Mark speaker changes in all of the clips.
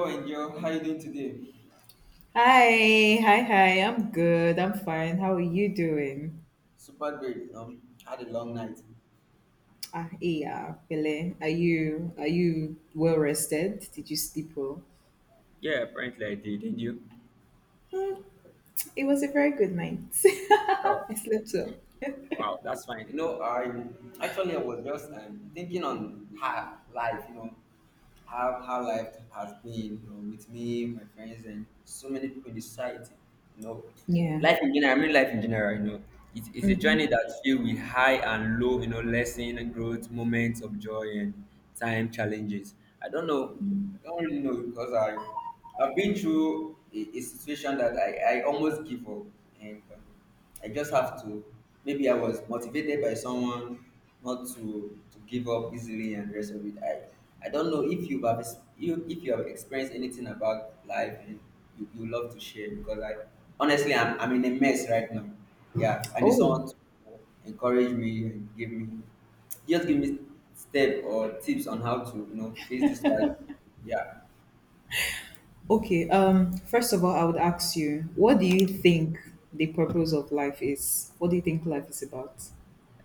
Speaker 1: Hello, Angel. How you doing today?
Speaker 2: Hi. I'm good. I'm fine. How are you doing?
Speaker 1: Super great. Had a long night.
Speaker 2: Ah, yeah, Pele. Are you well rested? Did you sleep well?
Speaker 1: Yeah, apparently I did. Did you?
Speaker 2: Hmm, it was a very good night. I slept well.
Speaker 1: Wow, that's fine. You know, I actually I was just thinking on her life. You know, how her life has been. You know, with me, my friends, and so many people in the society. You know,
Speaker 2: Yeah.
Speaker 1: life in general. I mean, life in general. You know, it's a journey
Speaker 2: Hmm.
Speaker 1: that's filled with high and low, you know, lesson, growth, moments of joy, and time challenges. I don't know. I don't really know because I've been through a situation that I almost give up, and I just have to. Maybe I was motivated by someone not to give up easily and the rest of it. I don't know if you have you if you have experienced anything about life and you love to share because I honestly I'm in a mess right now. Yeah, I need someone
Speaker 2: Oh,
Speaker 1: to encourage me and give me just give me step or tips on how to you know face this life. Yeah,
Speaker 2: okay. First of all, I would ask you, what do you think the purpose of life is? What do you think life is about?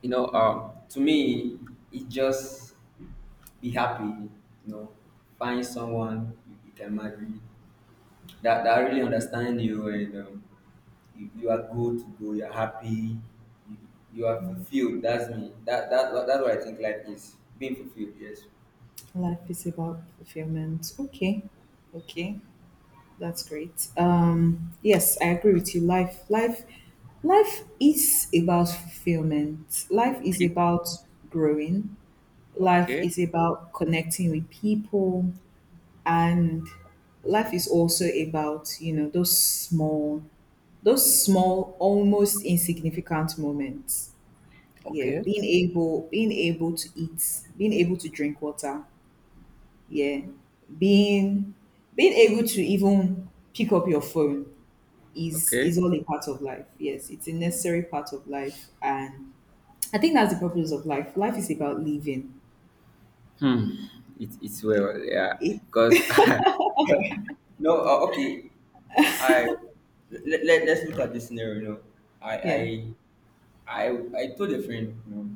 Speaker 1: you know to me it just be happy, you know, find someone you can marry that really understand you and you are good to go, you're happy, you, you are fulfilled. That's me. That's what I think life is. Being fulfilled, yes.
Speaker 2: Life is about fulfillment. Okay. Okay. That's great. Yes, I agree with you. Life is about fulfillment. Life is about growing. Life
Speaker 1: Okay,
Speaker 2: is about connecting with people, and life is also about those small, almost insignificant moments. Yeah, being able to eat, being able to drink water. Yeah, being being able to even pick up your phone is
Speaker 1: okay.
Speaker 2: is all a part of life. Yes, it's a necessary part of life, and I think that's the purpose of life. Life is about living.
Speaker 1: It's well, yeah.
Speaker 2: It,
Speaker 1: Because No, okay. I Let's look at this scenario. You know, I I
Speaker 2: yeah.
Speaker 1: I I told a friend. You know,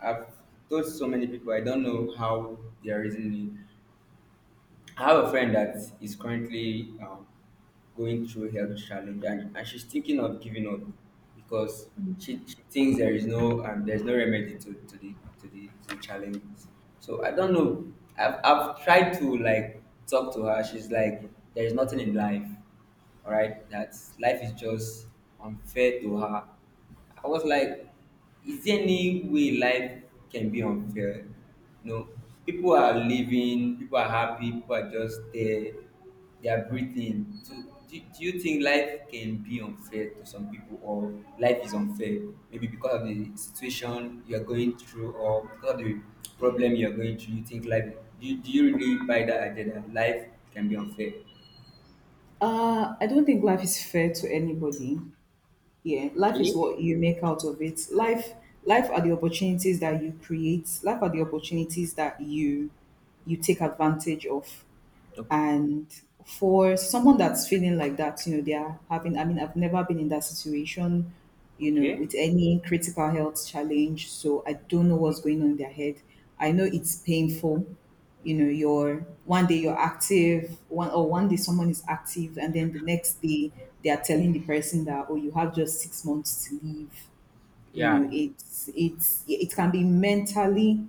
Speaker 1: I've told so many people. I don't know how they are reasoning. I have a friend that is currently going through health challenge, and she's thinking of giving up because she thinks there is no there's no remedy to the challenges. So I don't know. I've tried to like talk to her. She's like, there is nothing in life, all right. That life is just unfair to her. I was like, is there any way life can be unfair? No, people are living, people are happy, people are just there, they are breathing. So, do you think life can be unfair to some people, or life is unfair? Maybe because of the situation you are going through, or because of the problem you are going through, you think life, do you really buy that idea that life can be unfair?
Speaker 2: I don't think life is fair to anybody. Yeah, life is
Speaker 1: Okay.
Speaker 2: what you make out of it. Life are the opportunities that you create. Life are the opportunities that you take advantage of.
Speaker 1: Okay.
Speaker 2: And for someone that's feeling like that, you know, they are having, I mean, I've never been in that situation, you know,
Speaker 1: Okay.
Speaker 2: with any critical health challenge. So I don't know what's going on in their head. I know it's painful. You know, you're active, one day someone is active, and then the next day they are telling the person that, oh, you have just six months to live. You know,
Speaker 1: Yeah,
Speaker 2: it can be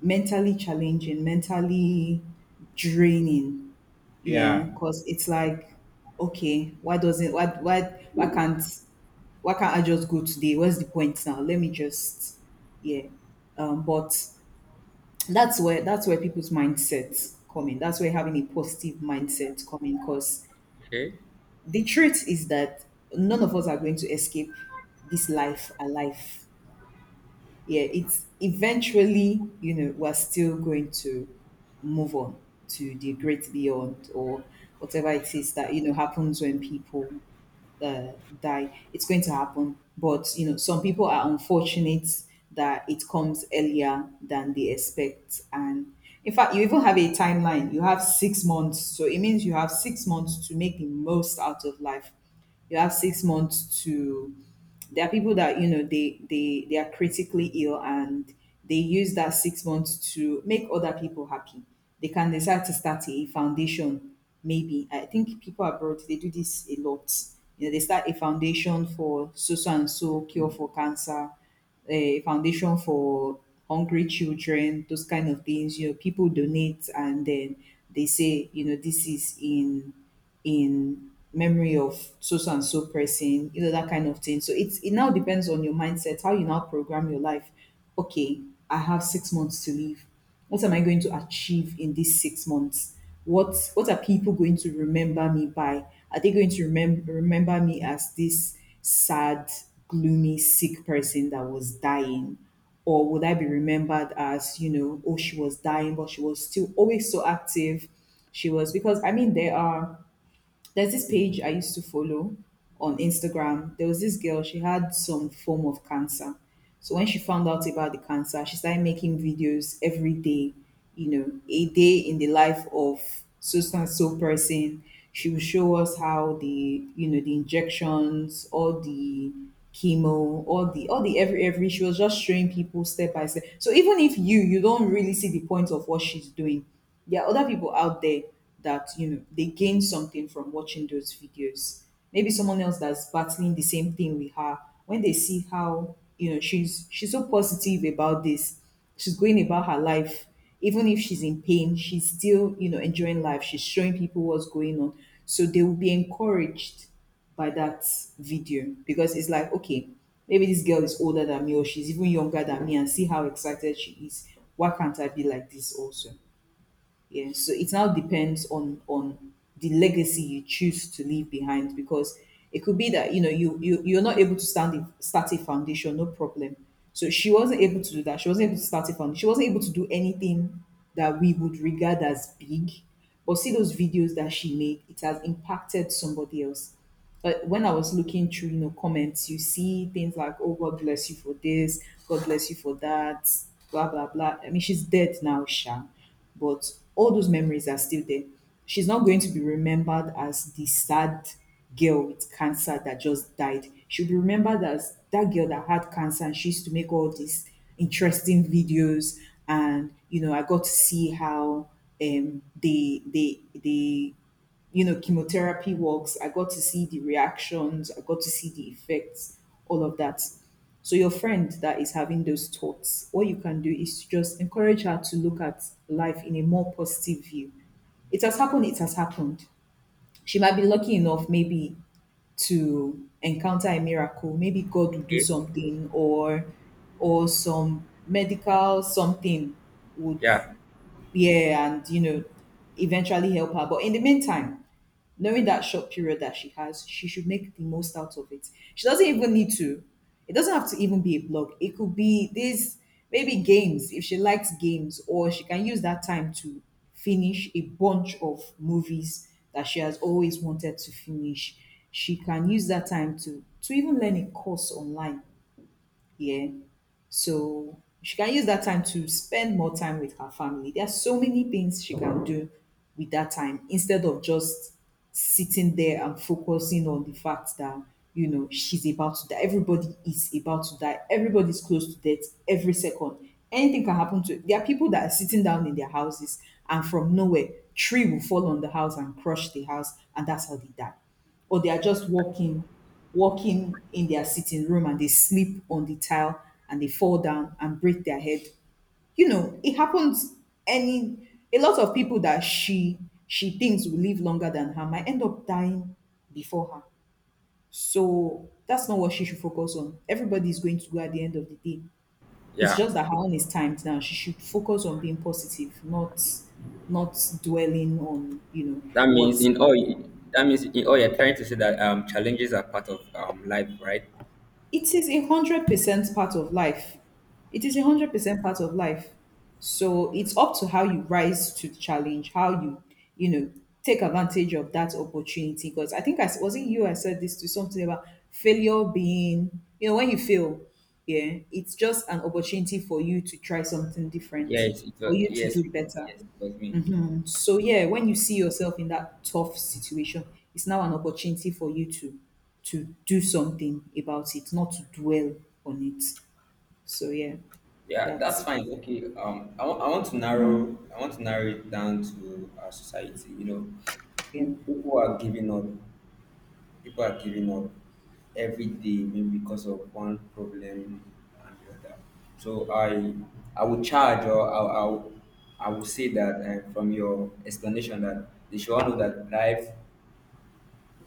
Speaker 2: mentally challenging, mentally draining. Yeah,
Speaker 1: yeah,
Speaker 2: because it's like, okay, why can't why can't I just go today? What's the point now? Let me just yeah. But that's where people's mindset come in. That's where having a positive mindset come in. Because
Speaker 1: okay.
Speaker 2: the truth is that none of us are going to escape this life alive. Yeah, it's eventually, you know, we're still going to move on to the great beyond or whatever it is that, you know, happens when people uh, die. It's going to happen. But, you know, some people are unfortunate that it comes earlier than they expect. And in fact, you even have a timeline. You have six months. So it means you have six months to make the most out of life. You have six months to there are people that you know they are critically ill, and they use that six months to make other people happy. They can decide to start a foundation. Maybe I think people abroad they do this a lot. You know, they start a foundation for so so and so, cure for cancer, a foundation for hungry children, those kind of things. You know, people donate, and then they say, you know, this is in memory of so so and so person, you know, that kind of thing. So it's it now depends on your mindset, how you now program your life. Okay, I have six months to live. What am I going to achieve in these six months? What are people going to remember me by? Are they going to remember me as this sad, gloomy, sick person that was dying? Or would I be remembered as, you know, oh, she was dying, but she was still always so active? She was because I mean there's this page I used to follow on Instagram. There was this girl, she had some form of cancer. So when she found out about the cancer, she started making videos every day, you know, a day in the life of so so and so person. She would show us how the, you know, the injections, all the chemo, all the every she was just showing people step by step. So even if you don't really see the point of what she's doing, there are other people out there that you know they gain something from watching those videos, maybe someone else that's battling the same thing with her. When they see how, you know, she's so positive about this, she's going about her life, even if she's in pain, she's still, you know, enjoying life, she's showing people what's going on, so they will be encouraged by that video. Because it's like, okay, maybe this girl is older than me or she's even younger than me and see how excited she is. Why can't I be like this also? Yeah, so it now depends on the legacy you choose to leave behind. Because it could be that, you know, you're not able to start a foundation, no problem. So she wasn't able to do that. She wasn't able to start a foundation. She wasn't able to do anything that we would regard as big. But see those videos that she made, it has impacted somebody else. But when I was looking through, you know, comments, you see things like, oh, God bless you for this, God bless you for that, blah, blah, blah. I mean, she's dead now, Sha. But all those memories are still there. She's not going to be remembered as the sad girl with cancer that just died. She'll be remembered as that girl that had cancer and she used to make all these interesting videos. And, you know, I got to see how um, they, they, they, you know, chemotherapy works. I got to see the reactions, I got to see the effects, all of that. So, your friend that is having those thoughts, what you can do is to just encourage her to look at life in a more positive view. It has happened. She might be lucky enough, maybe, to encounter a miracle. Maybe God will do
Speaker 1: Okay.
Speaker 2: something, or some medical something would
Speaker 1: Yeah,
Speaker 2: yeah, and you know, eventually help her. But in the meantime, knowing that short period that she has, she should make the most out of it. She doesn't even need to. It doesn't have to even be a blog. It could be this maybe games if she likes games, or she can use that time to finish a bunch of movies that she has always wanted to finish. She can use that time to even learn a course online. Yeah. So she can use that time to spend more time with her family. There are so many things she can do with that time instead of just sitting there and focusing on the fact that, you know, she's about to die. Everybody is about to die. Everybody's close to death every second. Anything can happen to there are people that are sitting down in their houses, and from nowhere, tree will fall on the house and crush the house, and that's how they die, or they are just walking in their sitting room and they sleep on the tile and they fall down and break their head. You know, it happens. Any A lot of people that she thinks will live longer than her might end up dying before her. So that's not what she should focus on. Everybody is going to go at the end of the day. It's
Speaker 1: yeah.
Speaker 2: just that her own is timed now. She should focus on being positive, not dwelling on, you know,
Speaker 1: That
Speaker 2: what
Speaker 1: means in all you're trying to say that challenges are part of life, right?
Speaker 2: it is. A 100% part of life. It is a 100% part of life. So it's up to how you rise to the challenge, how you, you know, take advantage of that opportunity. Because I think was it you I said this to something about failure being, you know, when you fail, yeah, it's just an opportunity for you to try something different,
Speaker 1: Yes, it
Speaker 2: for
Speaker 1: was,
Speaker 2: you to
Speaker 1: yes,
Speaker 2: do better.
Speaker 1: yes, it was me.
Speaker 2: So yeah, when you see yourself in that tough situation, it's now an opportunity for you to do something about it, not to dwell on it. So yeah,
Speaker 1: Yeah, that's
Speaker 2: that's
Speaker 1: fine. Okay. I want to narrow it down to our society. You know,
Speaker 2: yeah.
Speaker 1: people are giving up. People are giving up every day, maybe because of one problem and the other. So I would charge or I would say that from your explanation that they should all know that life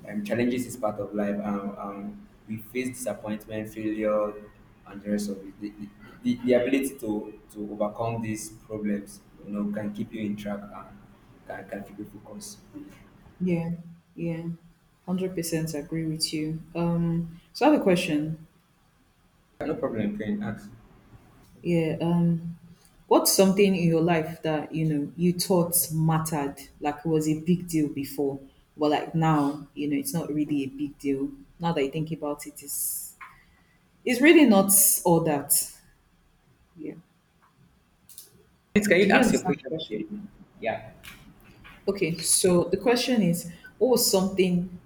Speaker 1: challenges is part of life. We face disappointment, failure, and the rest of it. The ability to overcome these problems, you know, can keep you in track and can keep you focused.
Speaker 2: Yeah. Yeah. 100% agree with you. So I have a question.
Speaker 1: Yeah, no problem, can you ask.
Speaker 2: Yeah, what's something in your life that, you know, you thought mattered, like it was a big deal before, but like now, you know, it's not really a big deal. Now that you think about it, it's really not all that. Yeah.
Speaker 1: Please, can
Speaker 2: Do
Speaker 1: you
Speaker 2: you
Speaker 1: ask your
Speaker 2: understand the
Speaker 1: question
Speaker 2: question?
Speaker 1: again? Yeah.
Speaker 2: Okay, so the question is, what was something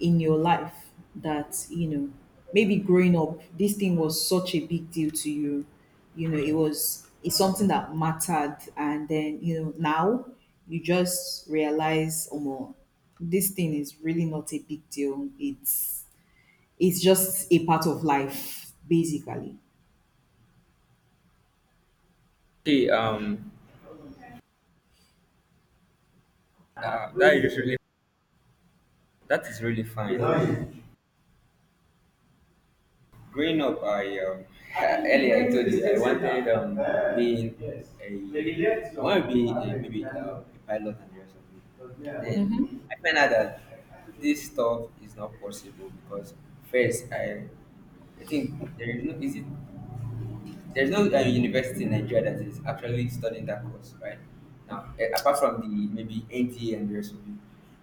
Speaker 2: in your life that, you know, maybe growing up, this thing was such a big deal to you? You know, it's something that mattered and then, you know, now you just realize, oh more, this thing is really not a big deal. It's just a part of life, basically.
Speaker 1: Okay, uh, that is really, that is really fine. Growing up, I earlier I told you I wanted being a I want to be a, maybe a pilot and the rest of it. Then
Speaker 2: Mm-hmm.
Speaker 1: I find out that this stuff is not possible because first I think there is no is it there's no university in Nigeria that is actually studying that course right now eh, apart from the maybe NTA and the rest of it.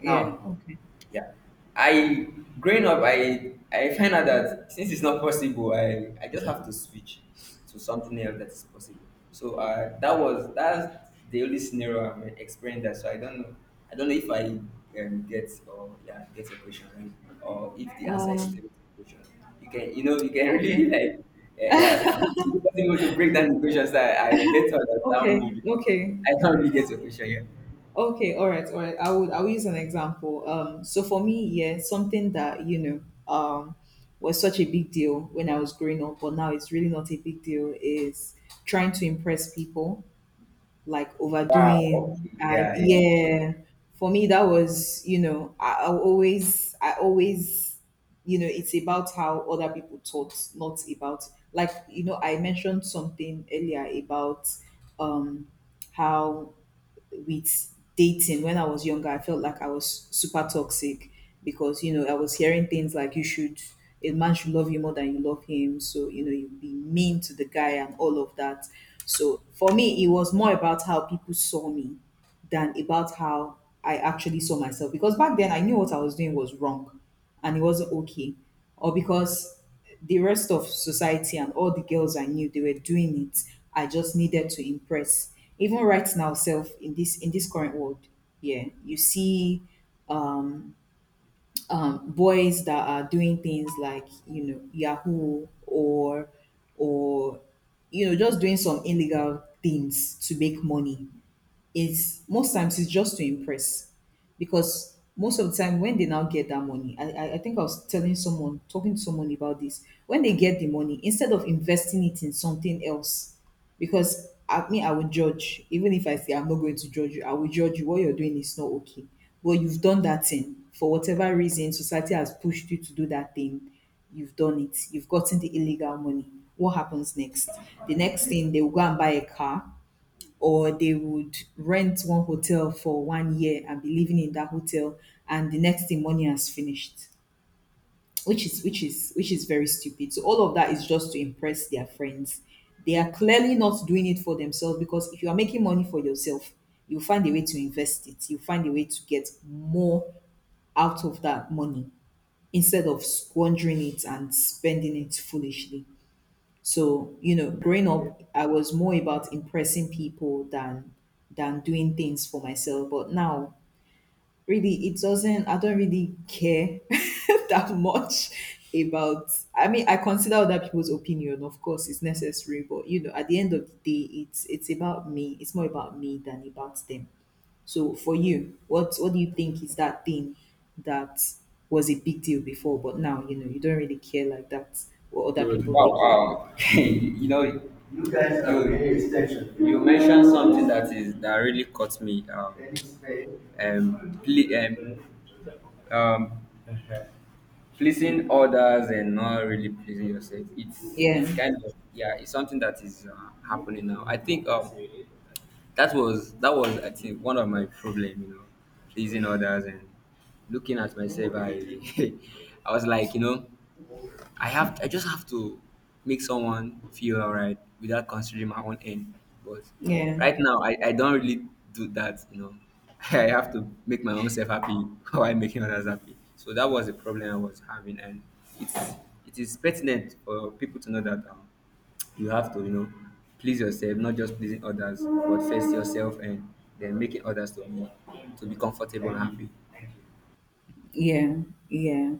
Speaker 2: Yeah,
Speaker 1: Now,
Speaker 2: okay.
Speaker 1: yeah. I Growing up I find out that since it's not possible, I just have to switch to something else that is possible. So that's the only scenario I've experienced that. So I don't know if I get or yeah get your question right or if the answer is
Speaker 2: Um,
Speaker 1: still the question. You can you know you can
Speaker 2: okay.
Speaker 1: really like yeah, yeah if you possible to break down the questions that I get to understand more
Speaker 2: Okay,
Speaker 1: because I don't really get your question yet.
Speaker 2: okay. All right, I would I will use an example. So for me, yeah, something that um, was such a big deal when I was growing up, but now it's really not a big deal. Is trying to impress people, like
Speaker 1: Wow.
Speaker 2: overdoing,
Speaker 1: Okay.
Speaker 2: and
Speaker 1: Yeah. Yeah.
Speaker 2: yeah, for me that was I always it's about how other people thought, not about I mentioned something earlier about um how with dating when I was younger, I felt like I was super toxic because I was hearing things like you should a man should love you more than you love him, so you be mean to the guy and all of that. So for me, it was more about how people saw me than about how I actually saw myself. Because back then I knew what I was doing was wrong and it wasn't okay. Or because the rest of society and all the girls I knew they were doing it. I just needed to impress. Even right now, self in this current world, yeah, you see boys that are doing things like Yahoo or or just doing some illegal things to make money is most times it's just to impress because most of the time when they now get that money I think I was telling someone talking to someone about this when they get the money instead of investing it in something else because I mean I would judge. Even if I say I'm not going to judge you, I will judge you. What you're doing is not okay, but you've done that thing. For whatever reason society has pushed you to do that thing, you've done it, you've gotten the illegal money. What happens next? The next thing, they will go and buy a car, or they would rent one hotel for 1 year and be living in that hotel, and the next thing, money has finished, which is very stupid. So all of that is just to impress their friends. They are clearly not doing it for themselves, because if you are making money for yourself, you find a way to invest it, you find a way to get more out of that money, instead of squandering it and spending it foolishly. So, growing up, I was more about impressing people than doing things for myself. But now, really, it doesn't. I don't really care that much about. I mean, I consider other people's opinion. Of course, it's necessary, but at the end of the day, it's about me. It's more about me than about them. So, for you, what do you think is that thing that was a big deal before, but now you don't really care like that what other
Speaker 1: Wow,
Speaker 2: people think?
Speaker 1: wow. You know, you guys are you paying attention. You mentioned something that is that really caught me. Um, ple- um, um, Pleasing others and not really pleasing yourself. It's
Speaker 2: Yeah.
Speaker 1: kind of yeah. It's something that is happening now. I think that was I think one of my problem. You know, pleasing others and looking at myself. I I was like you know. I just have to make someone feel alright without considering my own end. But
Speaker 2: Yeah,
Speaker 1: right now I don't really do that, you know. I have to make my own self happy while making others happy. So that was the problem I was having and it's it is pertinent for people to know that you have to, you know, please yourself, not just pleasing others, but first yourself and then making others to be comfortable and happy.
Speaker 2: yeah, yeah.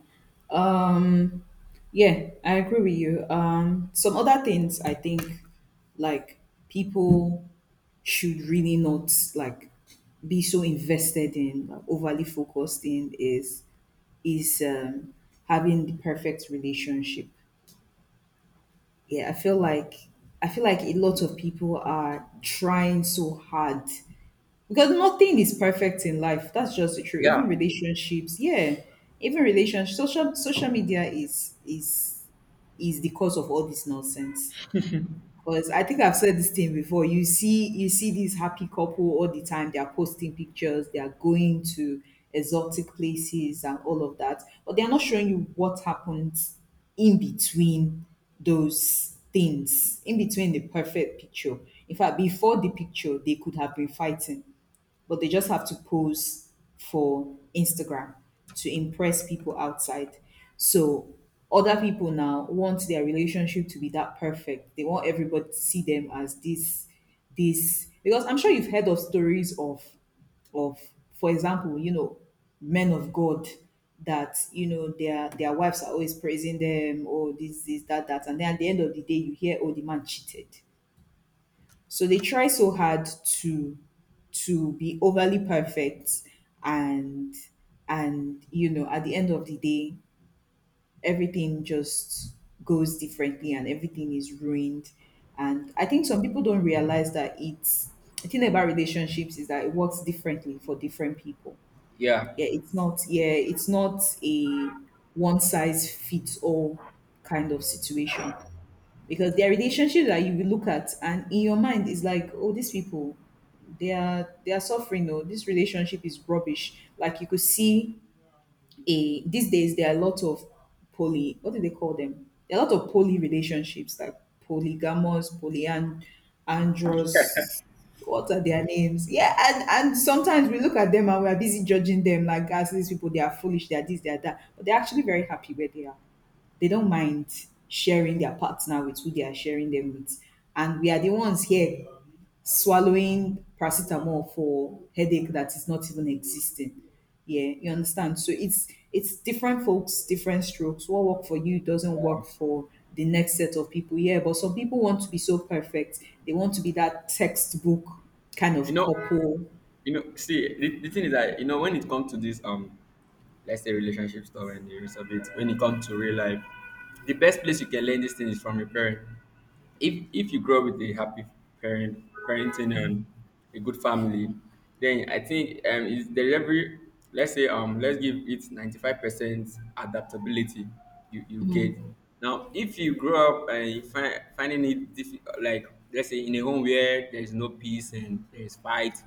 Speaker 2: Um, yeah, I agree with you. Some other things I think like people should really not like be so invested in, like, overly focused in is is um, having the perfect relationship. Yeah, I feel like a lot of people are trying so hard because nothing is perfect in life. That's just the truth.
Speaker 1: Yeah,
Speaker 2: Even relationships, yeah, even relationships. Social media is the cause of all this nonsense. Because I think I've said this thing before. You see these happy couple all the time. They are posting pictures. They are going to exotic places and all of that, but they are not showing you what happens in between those things, in between the perfect picture. In fact, before the picture, they could have been fighting, but they just have to pose for Instagram to impress people outside. So other people now want their relationship to be that perfect. They want everybody to see them as this, because I'm sure you've heard of stories of of, for example, men of God that their wives are always praising them, oh this, this, that, that, and then at the end of the day you hear, oh the man cheated. So they try so hard to to be overly perfect, and and at the end of the day everything just goes differently and everything is ruined, and I think some people don't realize that it's the thing about relationships is that it works differently for different people.
Speaker 1: yeah.
Speaker 2: Yeah, it's not, yeah, it's not a one size fits all kind of situation, because their relationship that you will look at and in your mind is like, oh these people they are suffering. No, this relationship is rubbish. Like you could see a these days there are a lot of poly what do they call them there are a lot of poly relationships, like polygamous, polyandrous, what are their names? Yeah. And sometimes we look at them and we're busy judging them, like, as these people, they are foolish, they are this, they are that, but they're actually very happy where they are. They don't mind sharing their partner with who they are sharing them with. And we are the ones here swallowing paracetamol for headache that is not even existing. Yeah, you understand. So it's different folks, different strokes. What work for you doesn't work for the next set of people. Yeah, but some people want to be so perfect. They want to be that textbook kind of
Speaker 1: You know,
Speaker 2: couple.
Speaker 1: you know see the thing is that you know when it comes to this let's say relationship stuff and the rest of it when it comes to real life the best place you can learn this thing is from your parent if you grow up with a happy parenting and a good family then I think is there every let's say let's give it 95% adaptability you get now if you grow up and you finding it difficult like let's say in a home where there is no peace and there is fight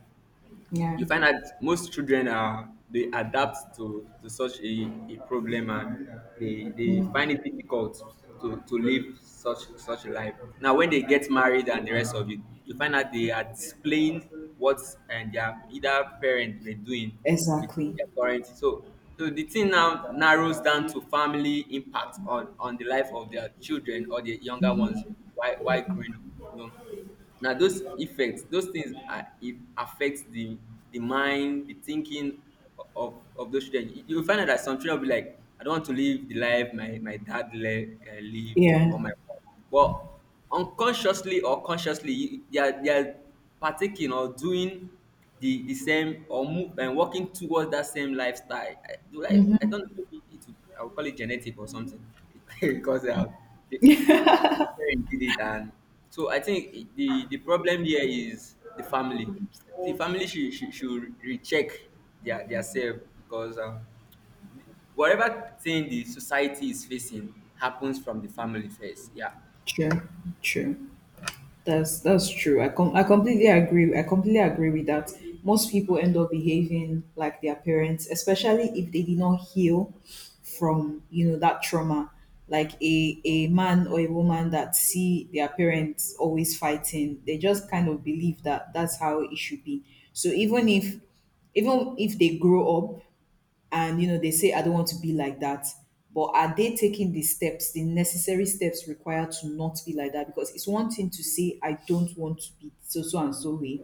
Speaker 2: Yeah.
Speaker 1: you find that most children are they adapt to such a problem and they
Speaker 2: Mm.
Speaker 1: find it difficult to live such a life. Now when they get married and the rest of it, you find that they are displaying what and their either parent were doing with
Speaker 2: Exactly.
Speaker 1: their current so so the thing now narrows down to family impact on the life of their children or the younger ones while growing up. You know? Now those effects, those things are, it affects the mind, the thinking of those children. You find out that some children will be like, I don't want to live the life my dad live or
Speaker 2: Yeah.
Speaker 1: my but unconsciously or consciously they are partaking or doing the same or move and working towards that same lifestyle. I don't know maybe it would, I would call it genetic or something because they parents did it and so I think the problem here is the family. The family should recheck their self because whatever thing the society is facing happens from the family first. Yeah,
Speaker 2: True. True. That's true. I completely agree. I completely agree with that. Most people end up behaving like their parents, especially if they did not heal from that trauma. Like a man or a woman that see their parents always fighting, they just kind of believe that that's how it should be. So even if they grow up and they say, I don't want to be like that, but are they taking the steps, the necessary steps required to not be like that? Because it's one thing to say, I don't want to be so so and so way,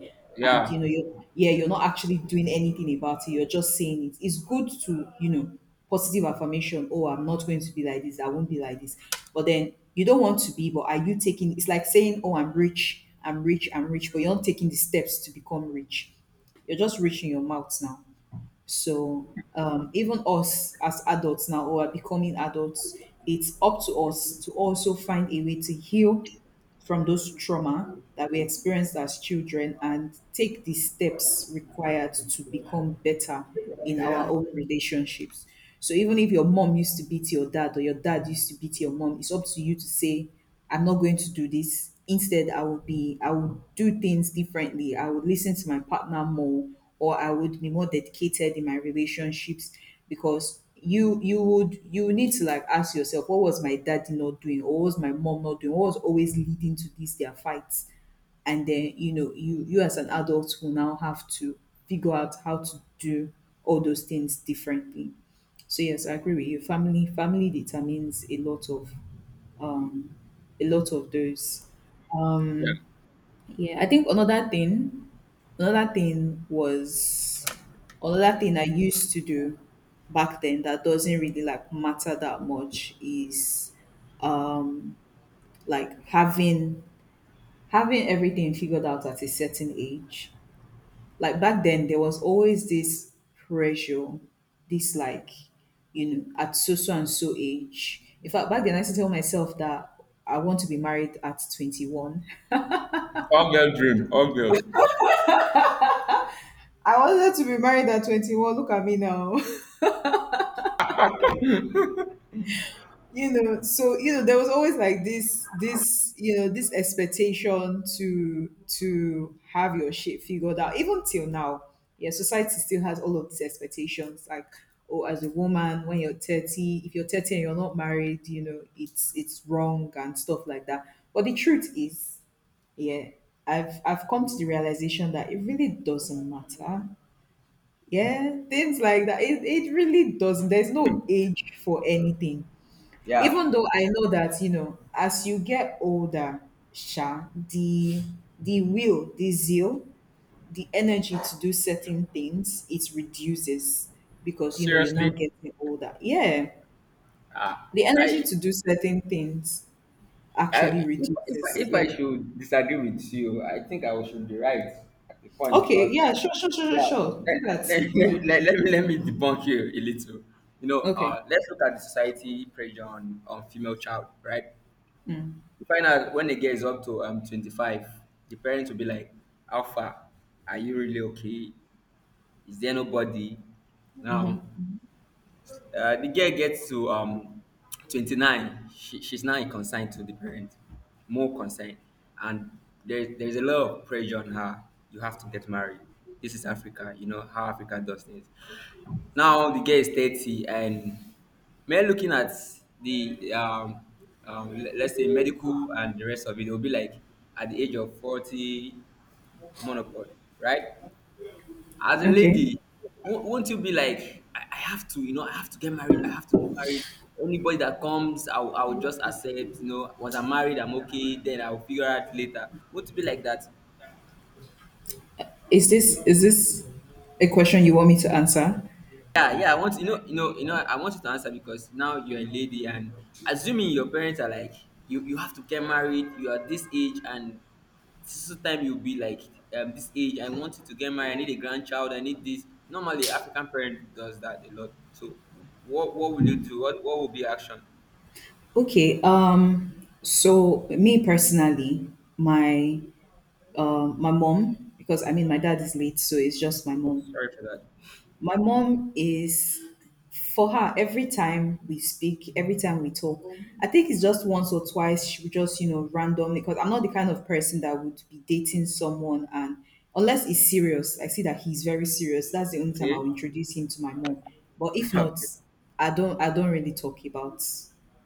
Speaker 2: and you
Speaker 1: yeah,
Speaker 2: know you're yeah, you're not actually doing anything about it, you're just saying it. It's good to positive affirmation, oh I'm not going to be like this, I won't be like this, but then you don't want to be. But are you taking? It's like saying, oh I'm rich, I'm rich, I'm rich, but you're not taking the steps to become rich. You're just rich in your mouth now. So even us as adults now who are becoming adults, it's up to us to also find a way to heal from those trauma that we experienced as children and take the steps required to become better in our
Speaker 1: yeah.
Speaker 2: own relationships. So even if your mom used to beat your dad or your dad used to beat your mom, it's up to you to say, I'm not going to do this. Instead, I would do things differently. I would listen to my partner more, or I would be more dedicated in my relationships, because you need to like ask yourself, what was my daddy not doing? Or what was my mom not doing? What was always leading to these their fights? And then you, as an adult, will now have to figure out how to do all those things differently. So yes, I agree with you, family determines um a lot of those. Yeah, I think another thing was another thing I used to do back then that doesn't really like matter that much is like having having everything figured out at a certain age. Like back then there was always this pressure, this like, at so so and so age. In fact back then I used to tell myself that I want to be married at 21.
Speaker 1: All girl dream, all girls.
Speaker 2: I wanted to be married at 21. Look at me now. So there was always like this, this expectation to have your shit figured out. Even till now. Yeah, society still has all of these expectations. Like, oh, as a woman, when you're 30, if you're 30 and you're not married, it's wrong and stuff like that. But the truth is, yeah, I've come to the realization that it really doesn't matter. Yeah, things like that. It really doesn't. There's no age for anything. Even
Speaker 1: Yeah.
Speaker 2: though I know that, as you get older, Sha, the will, the zeal, the energy to do certain things, it reduces because you're now
Speaker 1: Seriously,
Speaker 2: getting older. Yeah.
Speaker 1: ah,
Speaker 2: The energy to do certain things actually
Speaker 1: if,
Speaker 2: reduces.
Speaker 1: if
Speaker 2: Yeah.
Speaker 1: I should disagree with you, I think I should be right at the point
Speaker 2: Okay,
Speaker 1: because,
Speaker 2: yeah, sure, sure, sure, sure,
Speaker 1: yeah,
Speaker 2: sure. Do that. Speak to me.
Speaker 1: let me debunk you a little. You know,
Speaker 2: Okay.
Speaker 1: let's look at the society pressure on female child, right? You find out when a girl is up to 25, the parents will be like, how far? Are you really okay? Is there nobody? Now, uh, the girl gets to 29 she's now consigned to the parent more consigned and there's a lot of pressure on her you have to get married this is Africa you know how Africa does things now the girl is 30 and men looking at the let's say medical and the rest of it it will be like at the age of 40 menopause right as a
Speaker 2: Okay.
Speaker 1: lady, won't you be like, I have to, you know, I have to get married. I have to get married. Anybody that comes, I'll just accept. You know, once I'm married, I'm okay. Then I'll figure out later. Won't you be like that?
Speaker 2: Is this a question you want me to answer?
Speaker 1: Yeah, yeah. I want you know, you know, you know. I want you to answer because now you're a lady, and assuming your parents are like, you have to get married. You are this age, and this is the time you'll be like, this age. I want you to get married. I need a grandchild. I need this. Normally, African parent does that a lot. So, what will you do? What will be your action?
Speaker 2: Okay. So me personally, my my mom, because I mean my dad is late, so it's just my mom.
Speaker 1: Sorry for that.
Speaker 2: My mom is, for her, every time we speak, every time we talk, I think it's just once or twice she would just randomly, because I'm not the kind of person that would be dating someone, and unless it's serious, I see that he's very serious. That's the only time I'll
Speaker 1: Okay.
Speaker 2: introduce him to my mom. But if not,
Speaker 1: Okay.
Speaker 2: I don't really talk about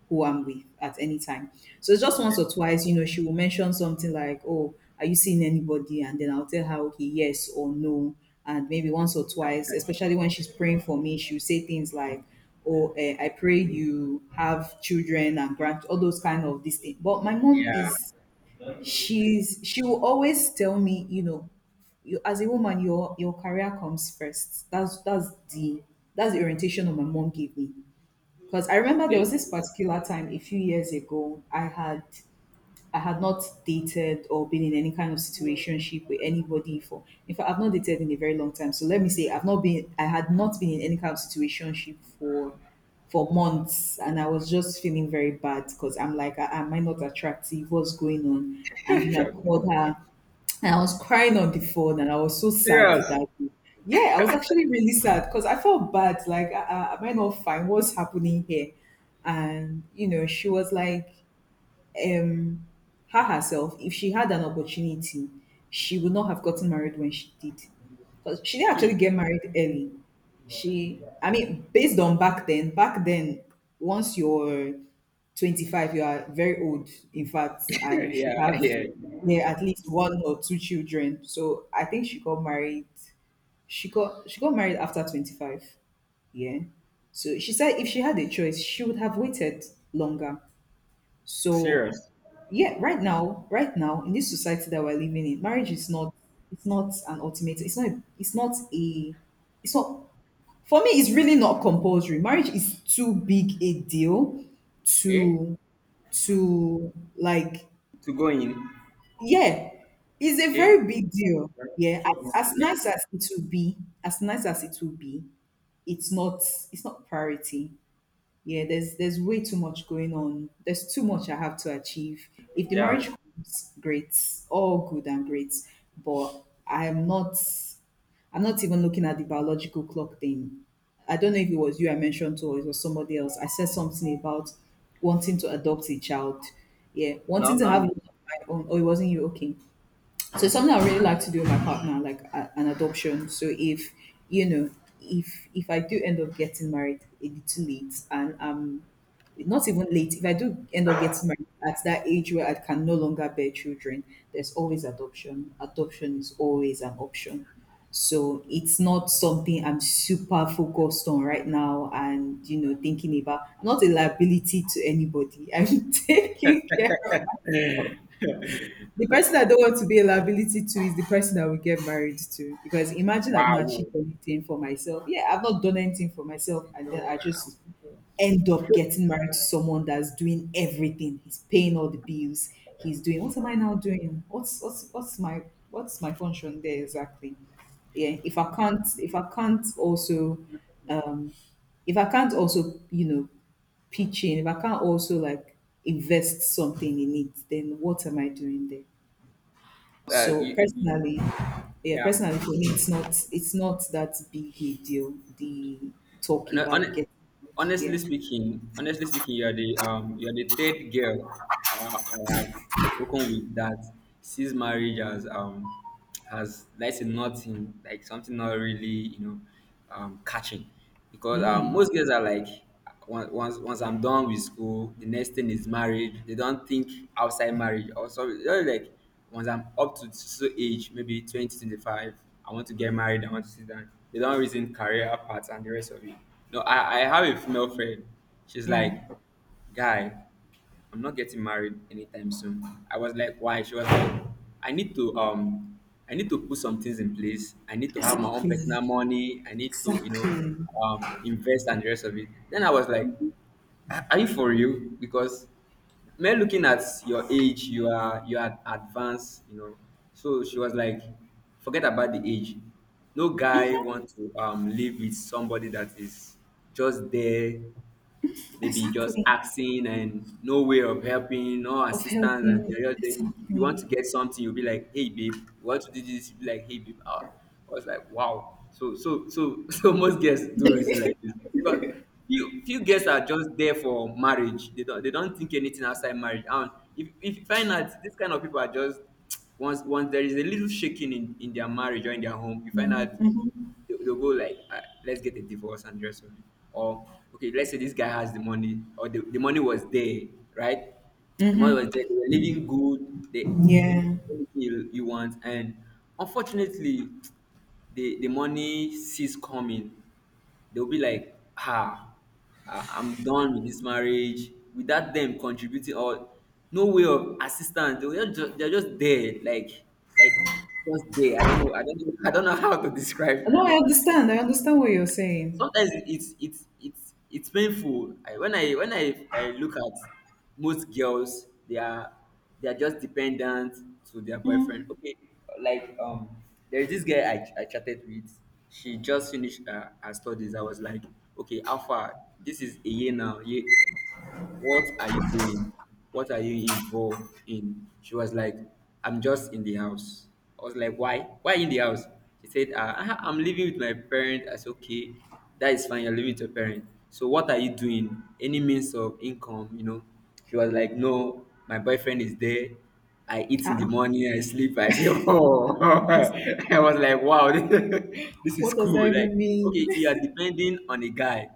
Speaker 2: who I'm with at any time. So it's just
Speaker 1: Okay.
Speaker 2: once or twice, she will mention something like, "Oh, are you seeing anybody?" And then I'll tell her, okay, yes or no. And maybe once or twice, especially when she's praying for me, she'll say things like, "Oh, I pray you have children and grand, all those kind of these things." But my mom
Speaker 1: Yeah.
Speaker 2: is, she's, she will always tell me, you, as a woman, your career comes first. The that's the orientation that my mom gave me. Because I remember there was this particular time a few years ago, I had not dated or been in any kind of situationship with anybody for. In fact, I've not dated in a very long time. So let me say, I've not been. I had not been in any kind of situationship for months, and I was just feeling very bad because I'm like, "Ah, am I not attractive? What's going on?" And I
Speaker 1: Okay.
Speaker 2: called her, and I was crying on the phone, and I was so sad
Speaker 1: Sure. Serious.
Speaker 2: that day. Yeah, I was actually really sad because I felt bad. Like, am I not fine? What's happening here? And you know, she was like, um herself, if she had an opportunity, she would not have gotten married when she did. Because she didn't actually get married early. She, I mean, based on back then, once you're 25, you are very old, in fact, and you should
Speaker 1: Yeah.
Speaker 2: have,
Speaker 1: Yeah.
Speaker 2: yeah, at least one or two children. So I think she got married. She got married after 25. Yeah. So she said if she had a choice, she would have waited longer. So
Speaker 1: Serious.
Speaker 2: yeah, right now in this society that we're living in, marriage is not, it's not an ultimate, it's not it's not a it's not, for me, it's really not compulsory. Marriage is too big a deal
Speaker 1: Okay.
Speaker 2: to to, like,
Speaker 1: To go in.
Speaker 2: yeah, it's a
Speaker 1: Okay.
Speaker 2: very big deal, yeah. As
Speaker 1: Yeah.
Speaker 2: nice as it will be, as nice as it will be, it's not it's not priority. Yeah, there's way too much going on, there's too much I have to achieve. If the marriage
Speaker 1: Yeah.
Speaker 2: comes, great, all good and great, but I'm not even looking at the biological clock thing. I don't know if it was you I mentioned to, or it was somebody else. I said something about wanting to adopt a child, yeah,
Speaker 1: No,
Speaker 2: wanting to
Speaker 1: not
Speaker 2: have
Speaker 1: me.
Speaker 2: one of my own. Oh, it wasn't you, okay. So it's something I really like to do with my partner, like an adoption. So if you know if I do end up getting married a little late, and I'm not even late. If I do end up getting married at that age where I can no longer bear children, there's always adoption. Adoption is always an option. So it's not something I'm super focused on right now and thinking about. I'm not a liability to anybody. I'm taking care of. The person I don't want to be a liability to is the person I will get married to. Because imagine I've not
Speaker 1: Wow.
Speaker 2: achieved anything for myself. Yeah, I've not done anything for myself,
Speaker 1: See,
Speaker 2: and then I
Speaker 1: I'm
Speaker 2: just
Speaker 1: still
Speaker 2: end up getting married to someone that's doing everything. He's paying all the bills. He's doing, what am I now doing? What's my function there exactly? Yeah. If I can't also um if I can't also, pitch in, if I can't also, like, invest something in it, then what am I doing there?
Speaker 1: Uh,
Speaker 2: So
Speaker 1: you, you, you-
Speaker 2: personally, yeah,
Speaker 1: Yeah.
Speaker 2: personally, for me, it's not that big a deal, the talk
Speaker 1: no,
Speaker 2: about
Speaker 1: hon-
Speaker 2: getting married. Yeah.
Speaker 1: honestly speaking, you are the third girl I have spoken with that sees marriage as like us nothing like something not really catching, because most girls are like. Once I'm done with school, the next thing is marriage. They don't think outside marriage. Also, you like once I'm up to so age, maybe 20, 25, I want to get married. I want to sit down. They don't reason career paths and the rest of it. No, I have a female friend. She's
Speaker 2: Yeah.
Speaker 1: like, guy. I'm not getting married anytime soon. I was like, why? She was like, I need to um I need to put some things in place. I need to have my own
Speaker 2: Exactly,
Speaker 1: personal money. I need to,
Speaker 2: exactly,
Speaker 1: invest and the rest of it. Then I was like, are you for real? Because men looking at your age, you are advanced, you know. So she was like, forget about the age. No guy want to live with somebody that is just there, maybe just
Speaker 2: exactly.
Speaker 1: asking and no way of helping, no
Speaker 2: Of
Speaker 1: assistance, and
Speaker 2: helping,
Speaker 1: they're just there. You
Speaker 2: exactly.
Speaker 1: want to get something, you'll be like, hey babe, you want to do this, you'll be like, hey babe. I was like, wow. So most girls do reason like this, because few girls are just there for marriage. They don't think anything outside marriage. And if you find out this kind of people are just once there is a little shaking in their marriage or in their home, you
Speaker 2: Mm,
Speaker 1: find out
Speaker 2: mhm.
Speaker 1: they'll go like, let's get a divorce and the rest of it. Or, okay, let's say this guy has the money, or the money was there, right? The money was there, they were living good, they, you,
Speaker 2: Yeah.
Speaker 1: anything you want. And unfortunately, the money ceased coming. They'll be like, ah, I'm done with this marriage. Without them contributing or no way of assistance, they're just there, like, just there. I don't know, I don't know how to describe,
Speaker 2: No, I understand. I understand what you're saying.
Speaker 1: sometimes it's painful, I, when I when I look at most girls, they are just dependent to their boyfriend, okay. Like, there's this girl I chatted with. She just finished her studies. I was like, okay, how far, this is a year now, year, what are you doing? What are you involved in? She was like, I'm just in the house. I was like, why? Why in the house? She said, "Ah, I'm living with my parent." I said, okay, that is fine. You're living with your parent. So what are you doing? Any means of income, you know? She was like, no, my boyfriend is there. I eat in the
Speaker 2: Uh,
Speaker 1: morning, I sleep. I say, oh, I was like, wow, this is
Speaker 2: what does that
Speaker 1: cool. Like,
Speaker 2: even mean?
Speaker 1: okay, you are depending on a guy.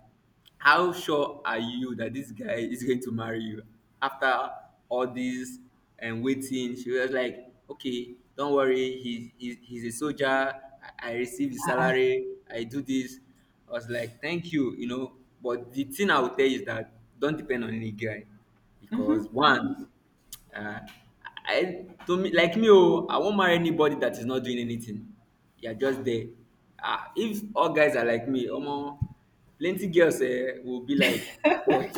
Speaker 1: How sure are you that this guy is going to marry you after all this and waiting? She was like, okay, don't worry, he's a soldier. I receive his salary, I do this. I was like, thank you, you know. But the thing I would tell you is that, don't depend on any guy, because one, uh, I, to me, like me oh, I won't marry anybody that is not doing anything. You are just there. Ah, if all guys are like me, omo, plenty girls eh will be like,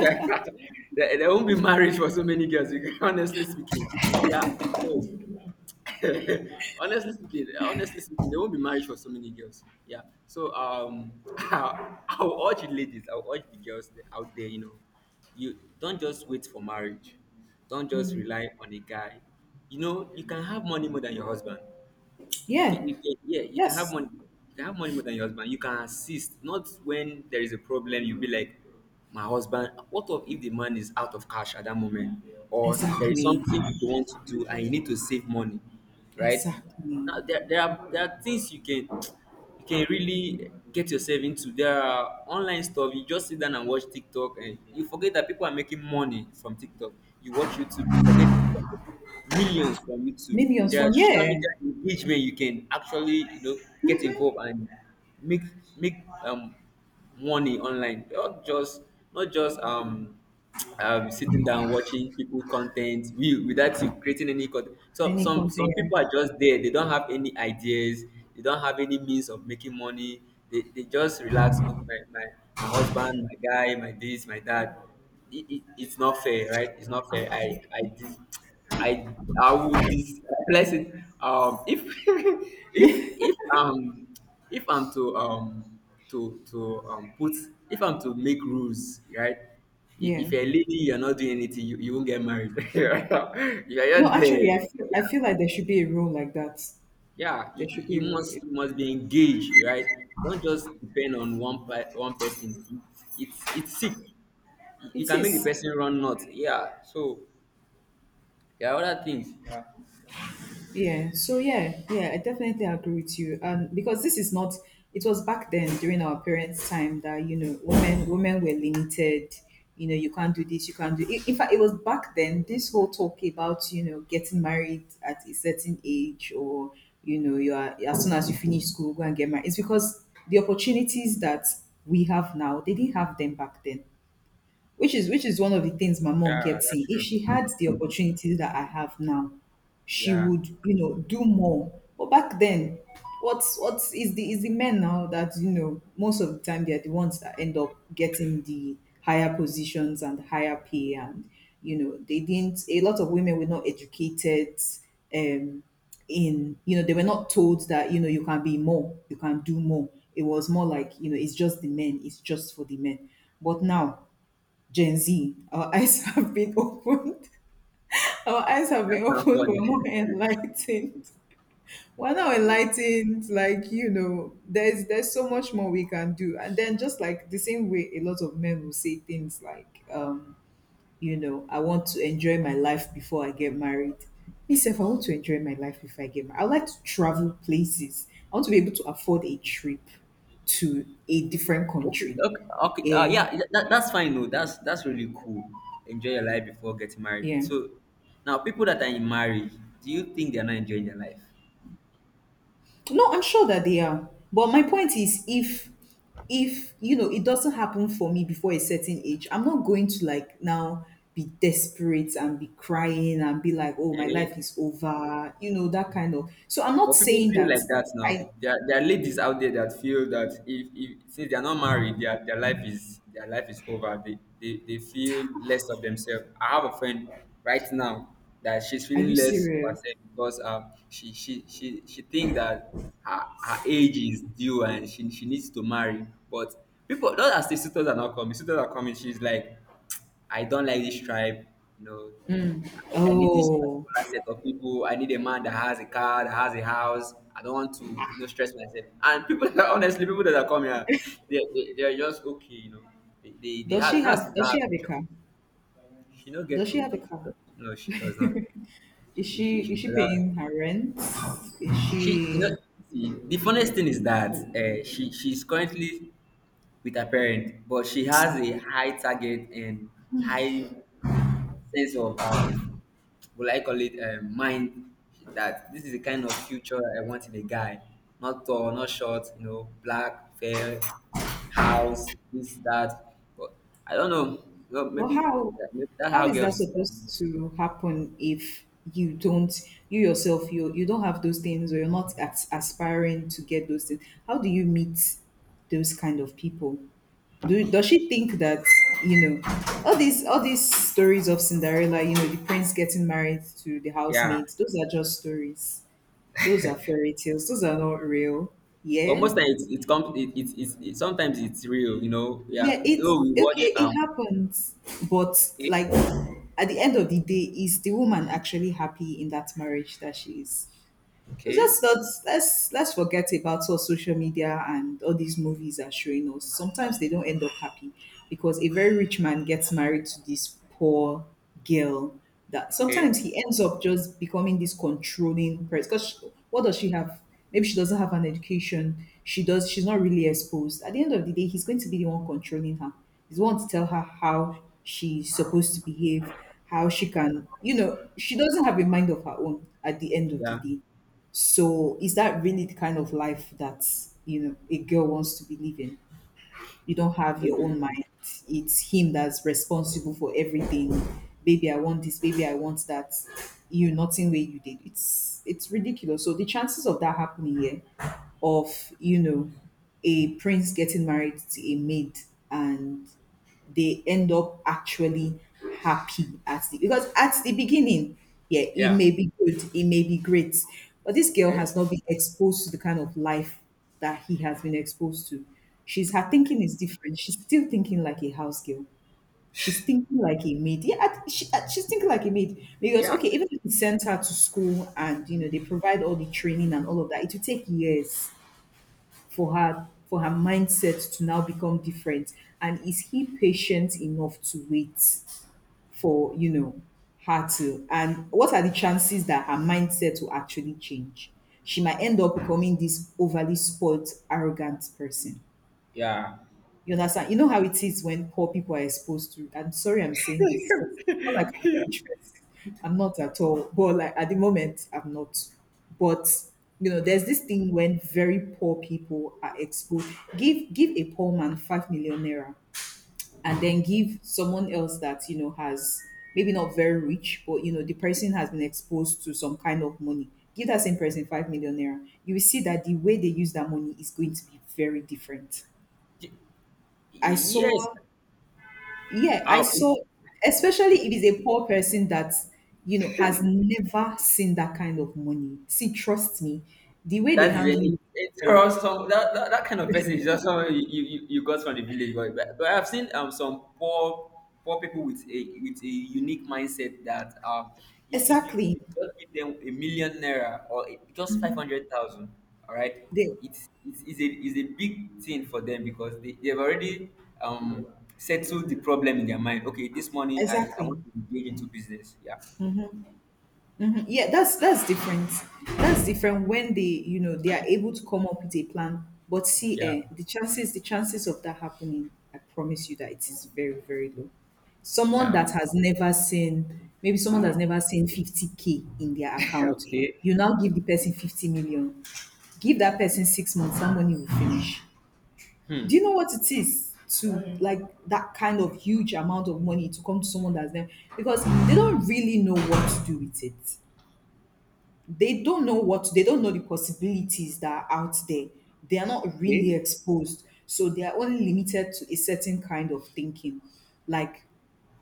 Speaker 1: there won't be marriage for so many girls. Honestly speaking, yeah. So honestly speaking, they won't be married for so many girls. Yeah. So I'll urge you ladies, I'll urge the girls out there. You know, you don't just wait for marriage. Don't just rely on a guy. You know, you can have money more than your husband.
Speaker 2: Yeah.
Speaker 1: Yeah, you can have
Speaker 2: Yes.
Speaker 1: money. You can have money more than your husband. You can assist. Not when there is a problem, you'll be like, my husband. What of if the man is out of cash at that moment, or there is
Speaker 2: Exactly.
Speaker 1: something you want to do and you need to save money, right?
Speaker 2: Exactly.
Speaker 1: Now there are things you can really get yourself into. There are online stuff. You just sit down and watch TikTok, and you forget that people are making money from TikTok. You watch YouTube, you forget people are making millions from YouTube.
Speaker 2: Millions
Speaker 1: There are
Speaker 2: from,
Speaker 1: social
Speaker 2: yeah.
Speaker 1: media engagement you can actually, you know, get involved and make make um money online, not just not just um sitting down watching people content we without you creating any content. So
Speaker 2: Any
Speaker 1: some
Speaker 2: container.
Speaker 1: people are just there, they don't have any ideas, they don't have any means of making money. They just relax on my husband, my guy, my this, my that. It's not fair, right? It's not fair. I would dis bless it. If if if um if I'm to put, if I'm to make rules, right?
Speaker 2: Yeah.
Speaker 1: If you're a lady, you're not doing anything, you won't get married. You're
Speaker 2: No,
Speaker 1: not there.
Speaker 2: actually, I feel like there should be a rule like that.
Speaker 1: Yeah,
Speaker 2: There should be a rule.
Speaker 1: you must be engaged, right? Don't just depend on one person. It's sick. You
Speaker 2: It
Speaker 1: can make the
Speaker 2: is.
Speaker 1: person run nuts, yeah. So there are other things, yeah.
Speaker 2: Yeah. So yeah, yeah, I definitely agree with you. Because this is not. It was back then during our parents' time that women were limited. You can't do this, you can't do. In fact, it was back then, this whole talk about getting married at a certain age, or you are, as soon as you finish school, go and get married. It's because the opportunities that we have now, they didn't have them back then, which is one of the things my mom
Speaker 1: Yeah,
Speaker 2: kept saying.
Speaker 1: that's
Speaker 2: If
Speaker 1: true.
Speaker 2: she had the opportunities that I have now, she
Speaker 1: Yeah.
Speaker 2: would, do more. But back then, what's is the men now that, most of the time they're the ones that end up getting the higher positions and higher pay. And they didn't, a lot of women were not educated, um in, they were not told that you can be more, you can do more. It was more like, it's just the men, it's just for the men. But now, Gen Z, our eyes have been opened. Our eyes have
Speaker 1: That
Speaker 2: been
Speaker 1: sounds
Speaker 2: opened. We're
Speaker 1: funny.
Speaker 2: more enlightened. We're now enlightened. Like, there's so much more we can do. And then, just like the same way, a lot of men will say things like, I want to enjoy my life before I get married. Myself, I want to enjoy my life if I get married. I like to travel places. I want to be able to afford a trip to a different
Speaker 1: Okay,
Speaker 2: country.
Speaker 1: okay, okay.
Speaker 2: Yeah,
Speaker 1: Yeah, that's fine. No, that's really cool. Enjoy your life before getting married.
Speaker 2: yeah.
Speaker 1: So, now people that are in marriage, do you think they're not enjoying their life?
Speaker 2: No, I'm sure that they are. But my point is, if it doesn't happen for me before a certain age, I'm not going to, like, now be desperate and be crying and be like, "Oh, my
Speaker 1: Okay,
Speaker 2: life is over," that kind of. So I'm not
Speaker 1: but people
Speaker 2: saying
Speaker 1: feel
Speaker 2: that.
Speaker 1: like that
Speaker 2: I.
Speaker 1: now. There are ladies out there that feel that if since they are not married, their life is over. They feel less of themselves. I have a friend right now that she's
Speaker 2: Are you
Speaker 1: feeling less of
Speaker 2: serious?
Speaker 1: herself because she think that her age is due and she needs to marry. But people not as the suitors are not coming. Suitors are coming. She's like, I don't like this tribe. You know, I need this
Speaker 2: Oh.
Speaker 1: particular set of people. I need a man that has a car, that has a house. I don't want to, you know, stress myself. And people that are honestly, people that are coming here, they are just okay, you know. They
Speaker 2: Does she
Speaker 1: have, not
Speaker 2: have
Speaker 1: she don't
Speaker 2: does she
Speaker 1: have
Speaker 2: have a
Speaker 1: a job.
Speaker 2: car?
Speaker 1: She don't
Speaker 2: Does
Speaker 1: get
Speaker 2: she
Speaker 1: to,
Speaker 2: have a car?
Speaker 1: no, she does not.
Speaker 2: Is
Speaker 1: She,
Speaker 2: she
Speaker 1: she
Speaker 2: is she
Speaker 1: does not.
Speaker 2: paying her rent? Is
Speaker 1: She, you know,
Speaker 2: she.
Speaker 1: see, the funniest thing is that she's currently with her parent, but she has a high target and high sense of will I call it, mind, that this is the kind of future I want in a guy. Not tall, not short, you know, black, fair, house, this, that. But I don't know. Well,
Speaker 2: But
Speaker 1: maybe,
Speaker 2: how
Speaker 1: maybe that's
Speaker 2: how
Speaker 1: how
Speaker 2: is that
Speaker 1: girls.
Speaker 2: supposed to happen if you don't, you yourself, you don't have those things, or you're not as aspiring to get those things? How do you meet those kind of people? Does she think that, you know all these stories of Cinderella, the prince getting married to the
Speaker 1: Yeah.
Speaker 2: housemaid, those are just stories. Those are fairy tales. Those are not real.
Speaker 1: But
Speaker 2: Yeah.
Speaker 1: most times it comes. Sometimes it's real, you know. Yeah.
Speaker 2: Yeah, it's
Speaker 1: Though we
Speaker 2: okay,
Speaker 1: watch.
Speaker 2: it happens. But,
Speaker 1: Okay.
Speaker 2: like, at the end of the day, is the woman actually happy in that marriage that she is?
Speaker 1: Okay.
Speaker 2: Let's not let's let's forget about what social media and all these movies are showing us. Sometimes they don't end up happy, because a very rich man gets married to this poor girl, that sometimes
Speaker 1: Okay.
Speaker 2: he ends up just becoming this controlling person. Because what does she have? Maybe she doesn't have an education. She does. She's not really exposed. At the end of the day, he's going to be the one controlling her. He's the one to tell her how she's supposed to behave, how she can. You know, she doesn't have a mind of her own. At the end of the
Speaker 1: Yeah.
Speaker 2: day, so is that really the kind of life that, a girl wants to be living? You don't have your
Speaker 1: Maybe.
Speaker 2: own mind. It's him that's responsible for everything. Baby, I want this. Baby, I want that. You nothing way you did. It's ridiculous. So the chances of that happening here, of, a prince getting married to a maid, and they end up actually happy at the, because at the beginning, yeah, it
Speaker 1: Yeah.
Speaker 2: may be good, it may be great, but this girl
Speaker 1: Okay.
Speaker 2: has not been exposed to the kind of life that he has been exposed to. She's Her
Speaker 1: Okay,
Speaker 2: thinking is different. She's still thinking like a house girl. She's thinking like a maid. Yeah, she's thinking like a maid because
Speaker 1: yeah.
Speaker 2: okay, even if he sent her to school and you know they provide all the training and all of that, it will take years for her mindset to now become different. And is he patient enough to wait for, her to — and what are the chances that her mindset will actually change? She might end up becoming this overly spoilt arrogant person,
Speaker 1: Yeah.
Speaker 2: you understand? You know how it is when poor people are exposed to. I'm sorry I'm saying this because it's not like I'm a rich person. I'm not at all. But like at the moment, I'm not. But you know, there's this thing when very poor people are exposed. Give a poor man 5 million naira, and then give someone else that you know has, maybe not very rich, but you know, the person has been exposed to some kind of money. Give that same person 5 million naira. You will see that the way they use that money is going to be very different. I
Speaker 1: Yes.
Speaker 2: saw yeah, I saw,
Speaker 1: Um,
Speaker 2: especially if it's a poor person that, you know, has never seen that kind of money. See, trust me, the way they
Speaker 1: that's very
Speaker 2: handle it is
Speaker 1: it's
Speaker 2: different.
Speaker 1: or some that kind of person is just someone you got from the village, but I've seen some poor people with a unique mindset that if you could
Speaker 2: Exactly.
Speaker 1: just give them a million naira or just 500,000, all right,
Speaker 2: They,
Speaker 1: it's a is a big thing for them because they've already um settled the problem in their mind. Okay, this money I want
Speaker 2: exactly.
Speaker 1: to engage into business. Yeah,
Speaker 2: Mhm. Yeah, that's different. That's different when they, you know, they are able to come up with a plan. But see,
Speaker 1: yeah,
Speaker 2: eh, the chances of that happening, I promise you that it is very, very low. Someone
Speaker 1: yeah.
Speaker 2: that has never seen, maybe someone that's never seen 50K in their account,
Speaker 1: Okay.
Speaker 2: you now give the person 50 million. Give that person 6 months, that money will finish. Do you
Speaker 1: Hmm.
Speaker 2: know what it is to, like, that kind of huge amount of money to come to someone that's never — because they don't really know what to do with it. They don't know what, they don't know the possibilities that are out there. They are not really
Speaker 1: Okay.
Speaker 2: exposed, so they are only limited to a certain kind of thinking. Like,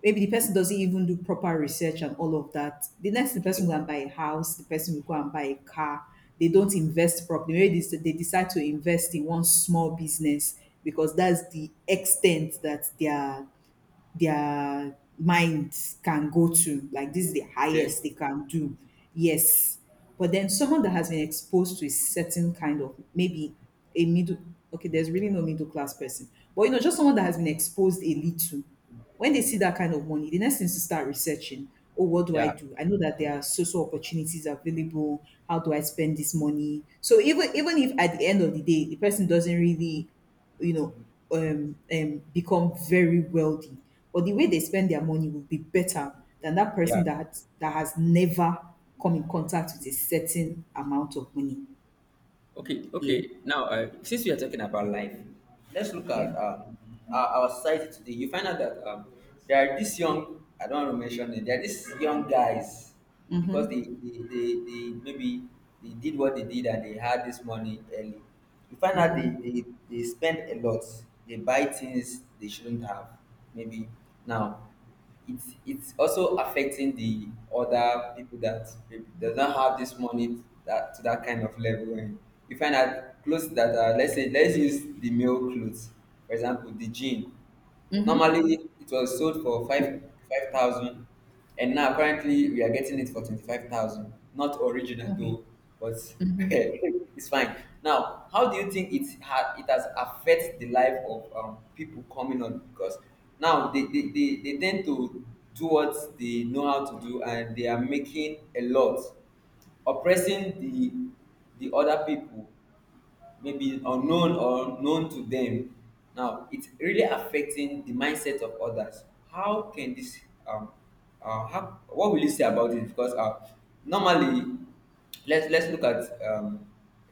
Speaker 2: maybe the person doesn't even do proper research and all of that. The next, the person
Speaker 1: Okay.
Speaker 2: will go and buy a house, the person will go and buy a car. They don't invest properly. Maybe they decide to invest in one small business because that's the extent that they are, their minds can go to, like this is the
Speaker 1: Okay.
Speaker 2: highest they can do. Yes. But then someone that has been exposed to a certain kind of, maybe a middle — okay, there's really no middle class person, but you know just someone that has been exposed a little. When they see that kind of money, the next thing is to start researching. Oh, what do I
Speaker 1: Yeah.
Speaker 2: do? I know that there are social opportunities available. How do I spend this money? So even if at the end of the day the person doesn't really, you know, become very wealthy, but the way they spend their money will be better than that person
Speaker 1: Yeah.
Speaker 2: that has never come in contact with a certain amount of money.
Speaker 1: Okay.
Speaker 2: Yeah,
Speaker 1: Okay. Now, since we are talking about life, let's look
Speaker 2: yeah.
Speaker 1: at our society today. You find out that there are these young, I don't want to mention it, there are these young guys because
Speaker 2: Mm-hmm.
Speaker 1: they maybe they did what they did and they had this money early. You find out they,
Speaker 2: Mm-hmm.
Speaker 1: they, they spend a lot, they buy things they shouldn't have. Maybe now it's also affecting the other people that maybe does not have this money, that to that kind of level. And you find that clothes that are, let's say, let's use the male clothes, for example the jean. Normally it was sold for five thousand, and now currently we are getting it for 25,000. Not original
Speaker 2: Okay.
Speaker 1: though, but it's fine. Now, how do you think it has affected the life of people coming on? Because now they tend to do what they know how to do, and they are making a lot, oppressing the other people, maybe unknown or known to them. Now it's really affecting the mindset of others. How can this um how, what will you say about it? Because normally, let's look at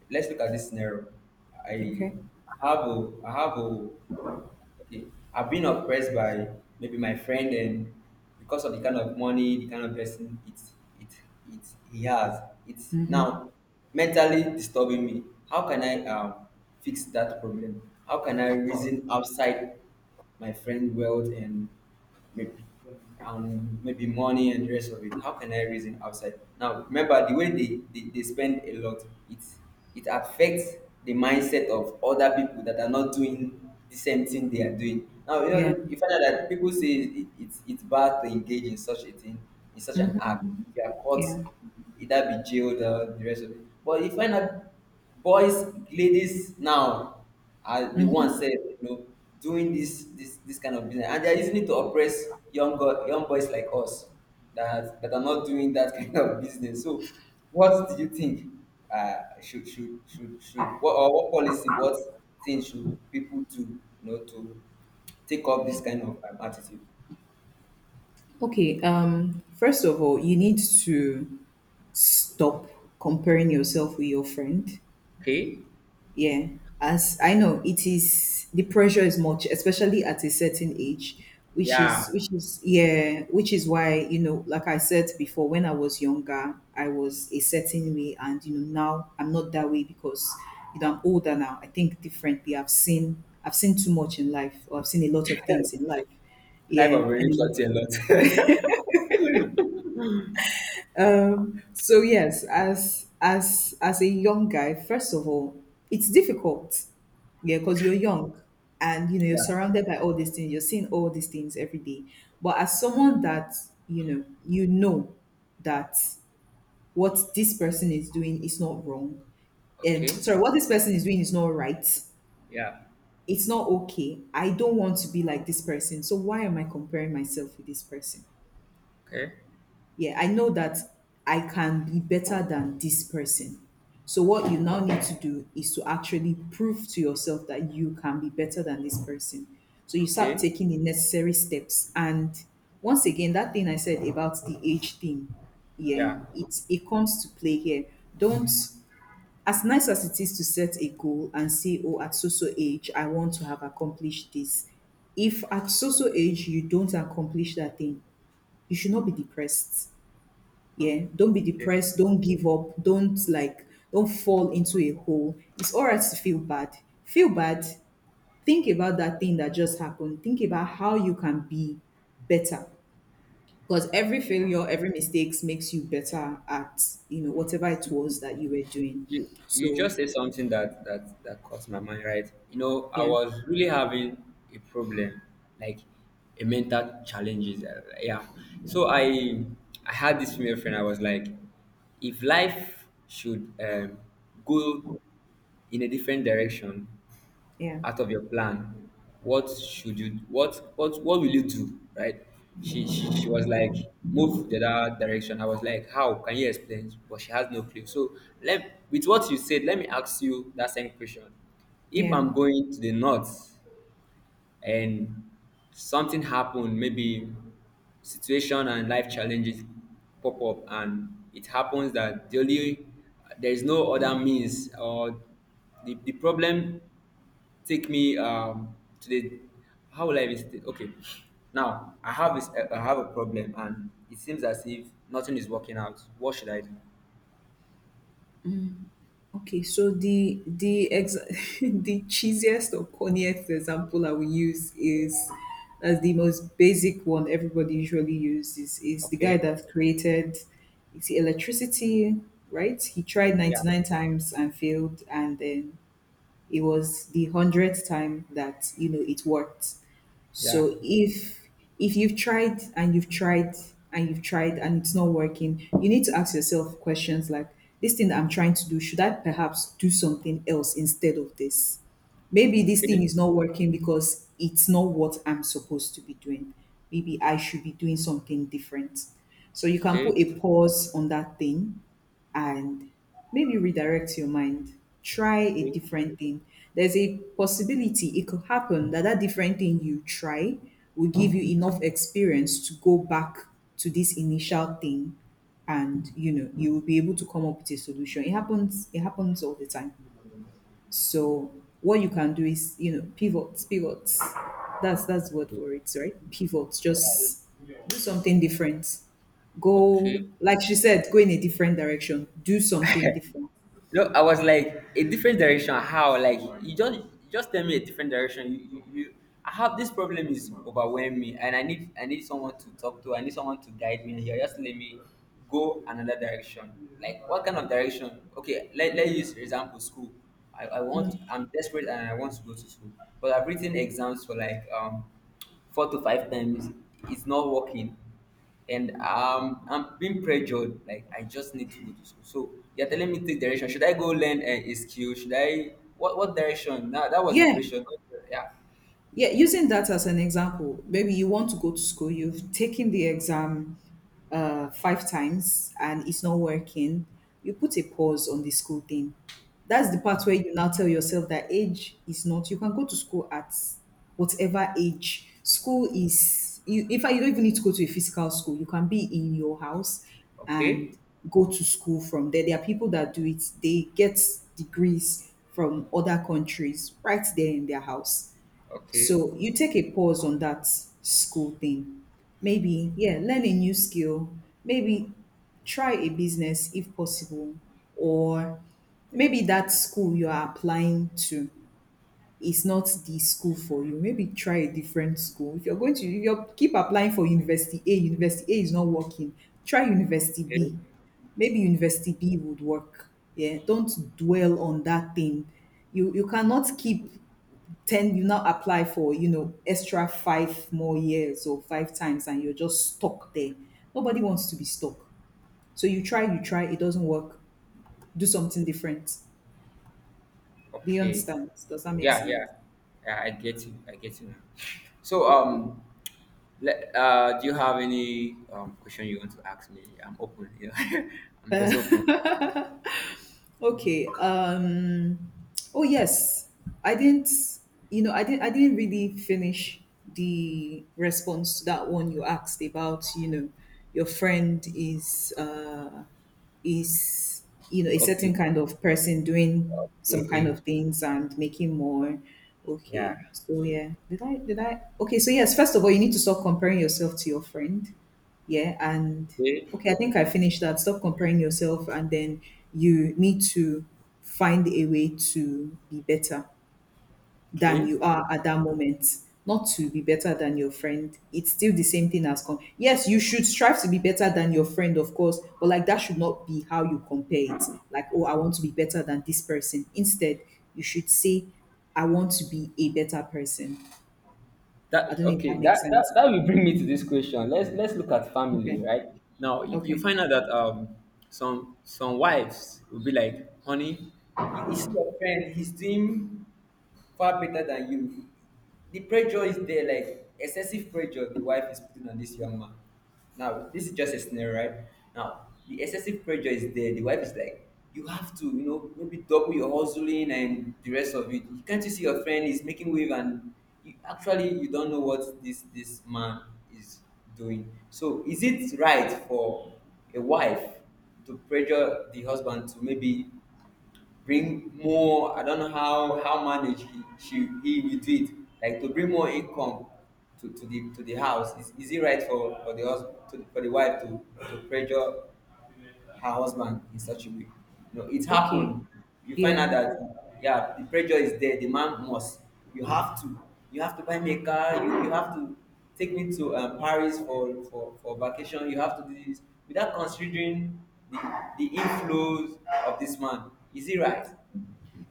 Speaker 1: let's look at this scenario. i
Speaker 2: Okay.
Speaker 1: have a I have a Okay. I've been oppressed by maybe my friend, and because of the kind of money, the kind of person, it it he has. It's now mentally disturbing me. How can I fix that problem? How can I reason outside my friend world and maybe, maybe money and the rest of it. How can I reason outside? Now, remember, the way they spend a lot, it it affects the mindset of other people that are not doing the same thing they are doing. Now,
Speaker 2: Yeah.
Speaker 1: you find out that people say it's bad to engage in such a thing, in such an act. If you are caught,
Speaker 2: Yeah.
Speaker 1: either be jailed or the rest of it. But you find out boys, ladies now are the ones said, doing this kind of business, and they are using it to oppress young girl, young boys like us that are not doing that kind of business. So what do you think? Should what, or what policy, what thing should people do, to take up this kind of attitude?
Speaker 2: Okay. First of all, you need to stop comparing yourself with your friend.
Speaker 1: Okay.
Speaker 2: Yeah, as I know, it is — the pressure is much, especially at a certain age,
Speaker 1: Yeah.
Speaker 2: which is yeah, which is why, you know, like I said before, when I was younger, I was a certain way, and you know now I'm not that way because you know I'm older now. I think differently. I've seen too much in life, or I've seen a lot of things in life.
Speaker 1: Life
Speaker 2: Yeah,
Speaker 1: of really
Speaker 2: and
Speaker 1: taught you a lot.
Speaker 2: um, so yes, as a young guy, first of all, it's difficult. Yeah, because you're young and you know you're surrounded by all these things. You're seeing all these things every day. But as someone that, you know that what this person is doing is not wrong. And
Speaker 1: Okay.
Speaker 2: sorry, what this person is doing is not right.
Speaker 1: Yeah.
Speaker 2: It's not okay. I don't want to be like this person. So why am I comparing myself with this person?
Speaker 1: Okay.
Speaker 2: Yeah, I know that I can be better than this person. So what you now need to do is to actually prove to yourself that you can be better than this person. So you start
Speaker 1: Okay.
Speaker 2: taking the necessary steps. And once again, that thing I said about the age thing, yeah,
Speaker 1: Yeah.
Speaker 2: it comes to play here. Don't — as nice as it is to set a goal and say, oh, at so so age, I want to have accomplished this. If at so so age you don't accomplish that thing, you should not be depressed. Yeah, don't be depressed. Don't give up. Don't, like, don't fall into a hole. It's all right to feel bad. Feel bad. Think about that thing that just happened. Think about how you can be better. Because every failure, every mistakes makes you better at, you know, whatever it was that you were doing.
Speaker 1: You
Speaker 2: So,
Speaker 1: just said something that caught my mind, right? You know, I
Speaker 2: yeah,
Speaker 1: was really having a problem, like a mental challenges. Yeah. So I had this female friend. I was like, if life should go in a different direction,
Speaker 2: yeah,
Speaker 1: out of your plan, what should you, what will you do, right? She was like, move the other direction. I was like, how can you explain? But she has no clue. So, let, with what you said, let me ask you that same question. If
Speaker 2: yeah.
Speaker 1: I'm going to the north, and something happened, maybe situation and life challenges pop up, and it happens that the only, there is no other means, or the problem take me to the, how will I even okay, now I have this, I have a problem and it seems as if nothing is working out. What should I do?
Speaker 2: Okay, so the ex- the cheesiest or corniest example I will use is, as the most basic one everybody usually uses, is the guy
Speaker 1: Okay.
Speaker 2: that created, you see, electricity, right? He tried
Speaker 1: Yeah,
Speaker 2: 99 times and failed, and then it was the 100th time that you know it worked.
Speaker 1: yeah.
Speaker 2: So if you've tried and you've tried and you've tried and it's not working, you need to ask yourself questions like, this thing that I'm trying to do, should I perhaps do something else instead of this? Maybe this
Speaker 1: Okay,
Speaker 2: thing is not working because it's not what I'm supposed to be doing. Maybe I should be doing something different. So you can
Speaker 1: okay,
Speaker 2: put a pause on that thing and maybe redirect your mind, try a
Speaker 1: okay,
Speaker 2: different thing. There's a possibility it could happen that different thing you try will give you enough experience to go back to this initial thing, and you know you will be able to come up with a solution. It happens all the time. So what you can do is, you know, pivots, pivots. That's the word for it, right? Pivots. Just do something different.
Speaker 1: okay.
Speaker 2: Go, like she said, go in a different direction. Do something different.
Speaker 1: No, I was like, a different direction. How? Like you just tell me a different direction. You I have this problem is overwhelming me, and I need someone to talk to. I need someone to guide me. And you're just let me go another direction. Like what kind of direction? Okay, let use for example school. I'm desperate and I want to go to school, but I've written exams for like four to five times. It's not working, and I'm being pressured. Like I just need to go to school. So you're telling me take direction. Should I go learn a skill? Should I, what direction? That was the
Speaker 2: Yeah.
Speaker 1: question. Yeah.
Speaker 2: Yeah, using that as an example, maybe you want to go to school, you've taken the exam five times and it's not working, you put a pause on the school thing. That's the part where you now tell yourself that age is not — you can go to school at whatever age. School is, you, in fact, you don't even need to go to a physical school. You can be in your house and
Speaker 1: Okay.
Speaker 2: go to school from there. There are people that do it, they get degrees from other countries right there in their house.
Speaker 1: Okay.
Speaker 2: So you take a pause on that school thing. Maybe, yeah, learn a new skill. Maybe try a business if possible. Or maybe that school you are applying to is not the school for you. Maybe try a different school. If you're going to, if you keep applying for University A, University A is not working, try University
Speaker 1: Okay.
Speaker 2: B. Maybe University B would work. Yeah, don't dwell on that thing. You cannot keep — 10, you now apply for, you know, extra 5 more years, or five times, and you're just stuck there. Nobody wants to be stuck. So you try, it doesn't work. Do something different. Do you
Speaker 1: Okay.
Speaker 2: understand? Does that make
Speaker 1: Yeah.
Speaker 2: sense?
Speaker 1: Yeah. Yeah. I get you. I get you now. So, let, do you have any question you want to ask me? I'm open. You know, I'm just open.
Speaker 2: Okay, um, oh yes, I didn't. You know, I didn't. I didn't really finish the response to that one you asked about. You know, your friend is is, you know, a certain
Speaker 1: Okay.
Speaker 2: kind of person doing some kind
Speaker 1: Okay.
Speaker 2: of things and making more.
Speaker 1: Yeah.
Speaker 2: Okay, so yeah, did I? Okay, so yes. First of all, you need to stop comparing yourself to your friend. Yeah, and
Speaker 1: Okay.
Speaker 2: okay, I think I finished that. Stop comparing yourself, and then you need to find a way to be better than
Speaker 1: Okay.
Speaker 2: you are at that moment, not to be better than your friend. It's still the same thing as com- — yes, you should strive to be better than your friend, of course, but like, that should not be how you compare it. Like, oh, I want to be better than this person. Instead, you should say, I want to be a better person.
Speaker 1: That
Speaker 2: I don't know if
Speaker 1: okay.
Speaker 2: that makes
Speaker 1: That, that
Speaker 2: sense.
Speaker 1: that will bring me to this question. Let's look at
Speaker 2: Okay.
Speaker 1: family, right? Now you
Speaker 2: Okay.
Speaker 1: find out that some wives will be like, honey, you see your friend, he's doing far better than you. The pressure is there, like excessive pressure the wife is putting on this young man. Now, this is just a scenario, right? Now, the excessive pressure is there. The wife is like, you have to, you know, maybe double your hustling and the rest of it. Can't you see your friend is making wave? And you, actually you don't know what this man is doing. So, is it right for a wife to pressure the husband to maybe bring more, I don't know how, manage he will do it, like to bring more income to, to the house. Is it right for the husband to, for the wife to pressure her husband in such a way? You know it
Speaker 2: Okay.
Speaker 1: happened. You find out
Speaker 2: Yeah.
Speaker 1: that, yeah, the pressure is there, the man must, you have to, you have to buy me a car. You have to take me to Paris for, for vacation. You have to do this without considering the, the inflows of this man. Is it right?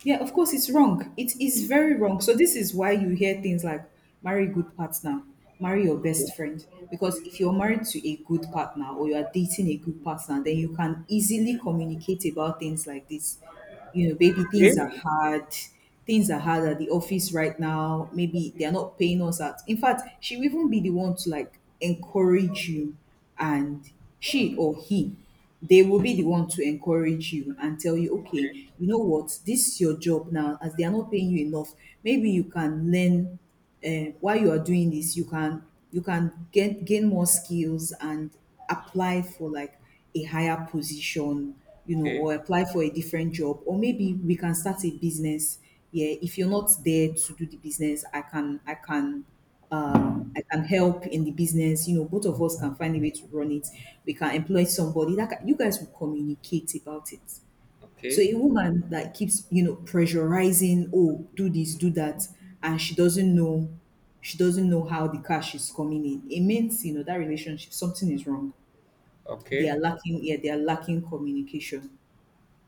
Speaker 2: Yeah, of course, it's wrong. It is very wrong. So this is why you hear things like, marry a good partner, marry your
Speaker 1: Okay.
Speaker 2: best friend. Because if you're married to a good partner, or you are dating a good partner, then you can easily communicate about things like this. You know, baby,
Speaker 1: Okay.
Speaker 2: things are hard. Things are hard at the office right now. Maybe they're not paying us out. In fact, she will even be the one to encourage you and she or he, they will be the one to encourage you and tell you, okay, you know what, this is your job now. As they are not paying you enough, maybe you can learn while you are doing this. You can get gain more skills and apply for a higher position, you know,
Speaker 1: Okay.
Speaker 2: or apply for a different job, or maybe we can start a business. Yeah, if you're not there to do the business, I can I can help in the business. You know, both of us can find a way to run it. We can employ somebody. That can, you guys will communicate about it. So
Speaker 1: Okay.
Speaker 2: a woman that keeps pressurizing, oh, do this, do that, and she doesn't know how the cash is coming in. It means you know that relationship something is wrong. They are
Speaker 1: Okay.
Speaker 2: lacking. Yeah, they are lacking communication.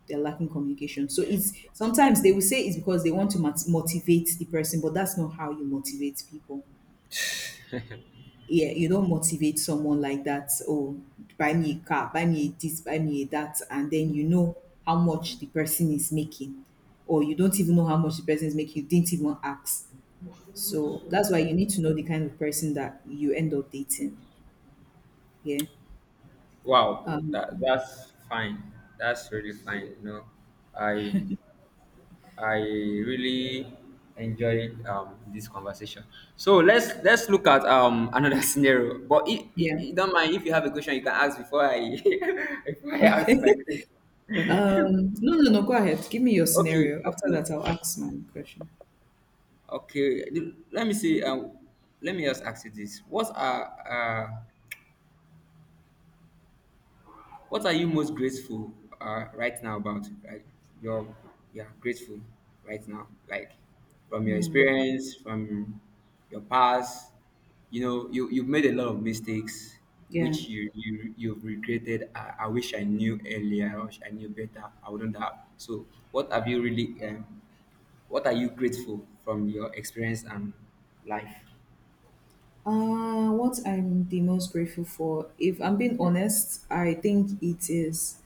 Speaker 2: They are lacking communication. So it's sometimes they will say it's because they want to motivate the person, but that's not how you motivate people. Yeah, you don't motivate someone like that. Oh, buy me a car, buy me this, buy me a that, and then you know how much the person is making, or you don't even know how much the person is making. You didn't even ask. So that's why you need to know the kind of person that you end up dating. Yeah,
Speaker 1: Wow. That's fine. That's really fine. You know, I I really enjoyed this conversation. So let's look at another scenario. But
Speaker 2: yeah.
Speaker 1: don't mind if you have a question, you can ask before I, before I ask you
Speaker 2: Okay.
Speaker 1: my question.
Speaker 2: No, no, no. Go ahead. Give me your
Speaker 1: Okay,
Speaker 2: scenario. After
Speaker 1: okay,
Speaker 2: that, I'll ask my question.
Speaker 1: okay. Let me see. Let me just ask you this: uh, What are you most grateful right now about? Like you're, yeah, grateful right now, like from your experience, from your past. You know, you've made a lot of mistakes,
Speaker 2: Yeah.
Speaker 1: which you've regretted. I wish I knew earlier. I wish I knew better. I wouldn't have. So, what have you really? What are you grateful from your experience and life?
Speaker 2: What I'm the most grateful for, if I'm being honest, I think it is,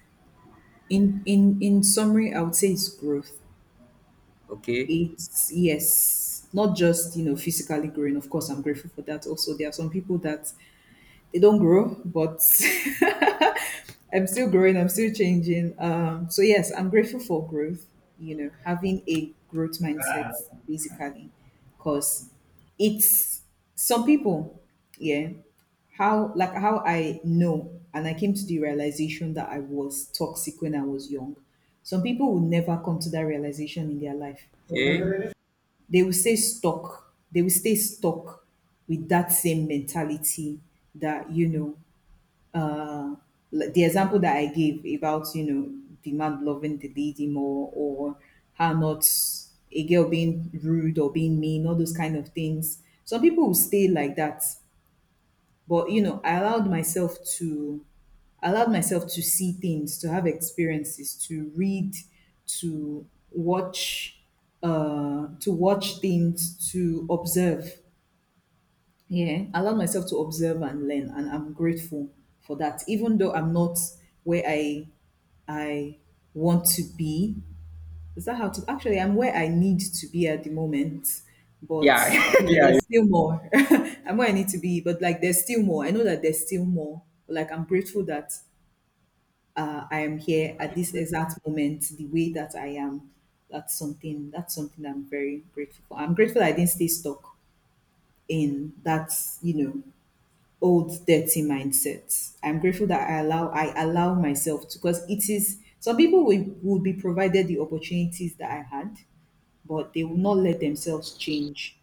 Speaker 2: in summary, I would say it's growth.
Speaker 1: Okay.
Speaker 2: It's, yes, not just, you know, physically growing. Of course I'm grateful for that. Also, there are some people that they don't grow, but I'm still growing, I'm still changing. So yes, I'm grateful for growth, you know, having a growth mindset basically, because it's some people, yeah, how I know and I came to the realization that I was toxic when I was young. Some people will never come to that realization in their life.
Speaker 1: Okay.
Speaker 2: They will stay stuck. They will stay stuck with that same mentality that, you know, uh, like the example that I gave about, you know, the man loving the lady more or her not, a girl being rude or being mean, all those kind of things. Some people will stay like that. But you know, I allowed myself to see things, to have experiences, to read, to watch, to watch things, to observe. Yeah, allow myself to observe and learn, and I'm grateful for that. Even though I'm not where I want to be, is that how to? Actually, I'm where I need to be at the moment, but
Speaker 1: Yeah.
Speaker 2: you know,
Speaker 1: Yeah.
Speaker 2: there's still more. I'm where I need to be, but like there's still more. I know that there's still more. Like I'm grateful that I am here at this exact moment, the way that I am. That's something. That's something that I'm very grateful for. I'm grateful that I didn't stay stuck in that. You know, old dirty mindset. I'm grateful that I allow myself to, because it is, some people will be provided the opportunities that I had, but they will not let themselves change,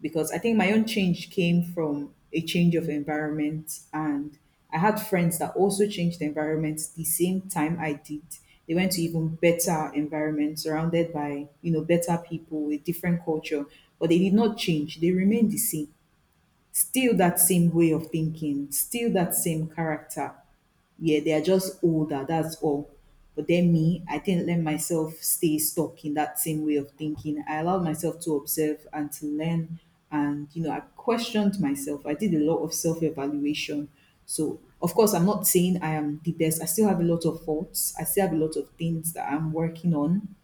Speaker 2: because I think my own change came from a change of environment, and I had friends that also changed environments the same time I did. They went to even better environments surrounded by, you know, better people with different culture, but they did not change. They remained the same, still that same way of thinking, still that same character. Yeah, they are just older, that's all. But then me, I didn't let myself stay stuck in that same way of thinking. I allowed myself to observe and to learn, and you know, I questioned myself. I did a lot of self-evaluation. So of course I'm not saying I am the best. I still have a lot of faults. I still have a lot of things that I'm working on.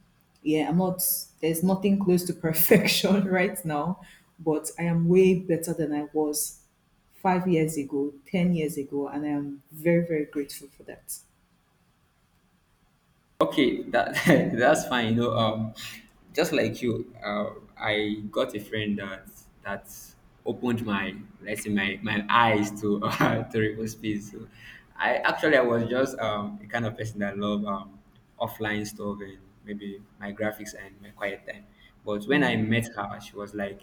Speaker 2: Yeah, I'm not, there's nothing close to perfection right now, but I am way better than I was 5 years ago, 10 years ago, and I am very, very grateful for that.
Speaker 1: Okay, that that's fine. You know, just like you, I got a friend that opened my, let's say my eyes to, to real space. So I, actually I was just the kind of person that love offline stuff and maybe my graphics and my quiet time. But when
Speaker 2: Yeah,
Speaker 1: I met her, she was like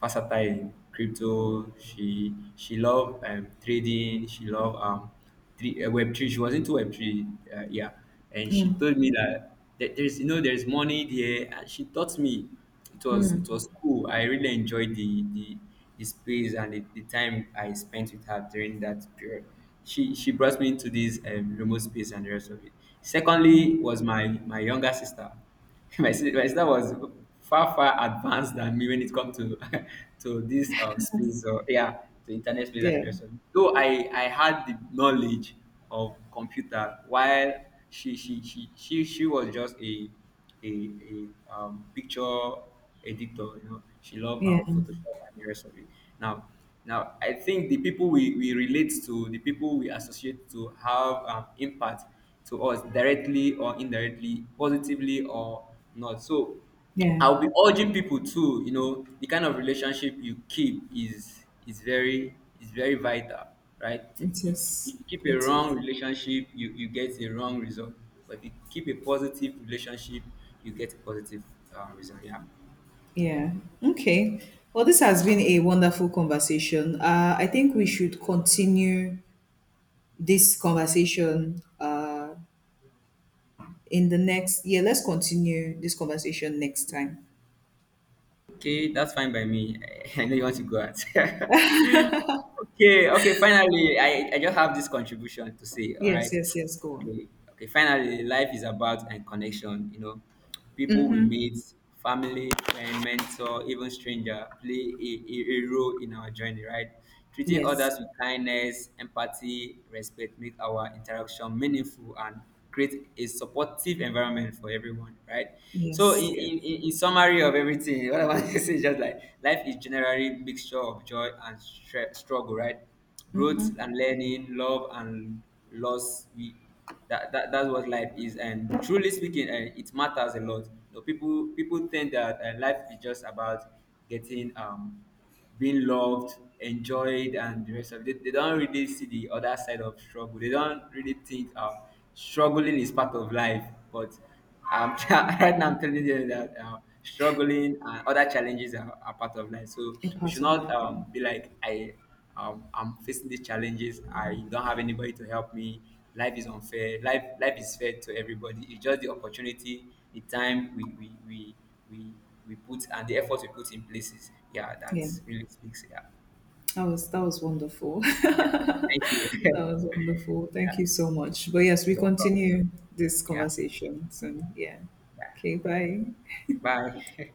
Speaker 1: versatile in crypto. She loved trading. She loved three web three. She was into web three, yeah. And she told me that there's, you know, there's money there. And she taught me. It was cool. I really enjoyed the space and the time I spent with her during that period. She brought me into this remote space and the rest of it. Secondly was my younger sister. My sister was far far advanced than me when it comes to, to this space, or yeah, to internet space and the
Speaker 2: yeah,
Speaker 1: rest of it. Though I had the knowledge of computer, while she was just a, a picture editor. You know she loved
Speaker 2: yeah,
Speaker 1: Photoshop and the rest of it. Now now I think the people we relate to, the people we associate to, have impact to us directly or indirectly, positively or not. So
Speaker 2: yeah.
Speaker 1: I'll be urging people too, you know, the kind of relationship you keep is very, vital, right?
Speaker 2: It
Speaker 1: You,
Speaker 2: is,
Speaker 1: you keep a
Speaker 2: it is.
Speaker 1: wrong relationship, you get a wrong result. But if you keep a positive relationship, you get a positive result. Yeah.
Speaker 2: Yeah. Okay. Well, this has been a wonderful conversation. I think we should continue this conversation, in the next, yeah, let's continue this conversation next time.
Speaker 1: Okay, that's fine by me. I know you want to go out. Okay, okay, finally, I just have this contribution to say, all
Speaker 2: Yes,
Speaker 1: right.
Speaker 2: yes, yes, go on.
Speaker 1: Okay, okay. Finally, life is about and connection. You know, people we
Speaker 2: Mhm.
Speaker 1: meet, family, friend, mentor, even stranger play a role in our journey, right? Treating
Speaker 2: Yes,
Speaker 1: others with kindness, empathy, respect make our interaction meaningful and create a supportive environment for everyone, right? So, in,
Speaker 2: yes, yes.
Speaker 1: in, in in summary of everything, what I want to say is just like life is generally mixture of joy and struggle, right? Growth
Speaker 2: Mhm.
Speaker 1: and learning, love and loss. We, that's what life is. And truly speaking, it matters a lot, you know. People think that life is just about getting, being loved, enjoyed, and the rest of it. They don't really see the other side of struggle. They don't really think struggling is part of life. But right now I'm telling you that struggling and other challenges are part of life. So
Speaker 2: A
Speaker 1: we
Speaker 2: part
Speaker 1: should
Speaker 2: of
Speaker 1: not,
Speaker 2: life. Yeah.
Speaker 1: be like, I'm facing these challenges. I don't have anybody to help me. Life is unfair. Life is fair to everybody. It's just the opportunity, the time we, we put, and the effort we put in places. Yeah, that
Speaker 2: Yeah.
Speaker 1: really speaks. Yeah.
Speaker 2: That was wonderful.
Speaker 1: Thank you. Yeah.
Speaker 2: That was wonderful. Thank you so much. But yes, we
Speaker 1: You're welcome.
Speaker 2: continue this
Speaker 1: Yeah.
Speaker 2: conversation soon. Yeah.
Speaker 1: Yeah.
Speaker 2: Okay. Bye.
Speaker 1: Bye.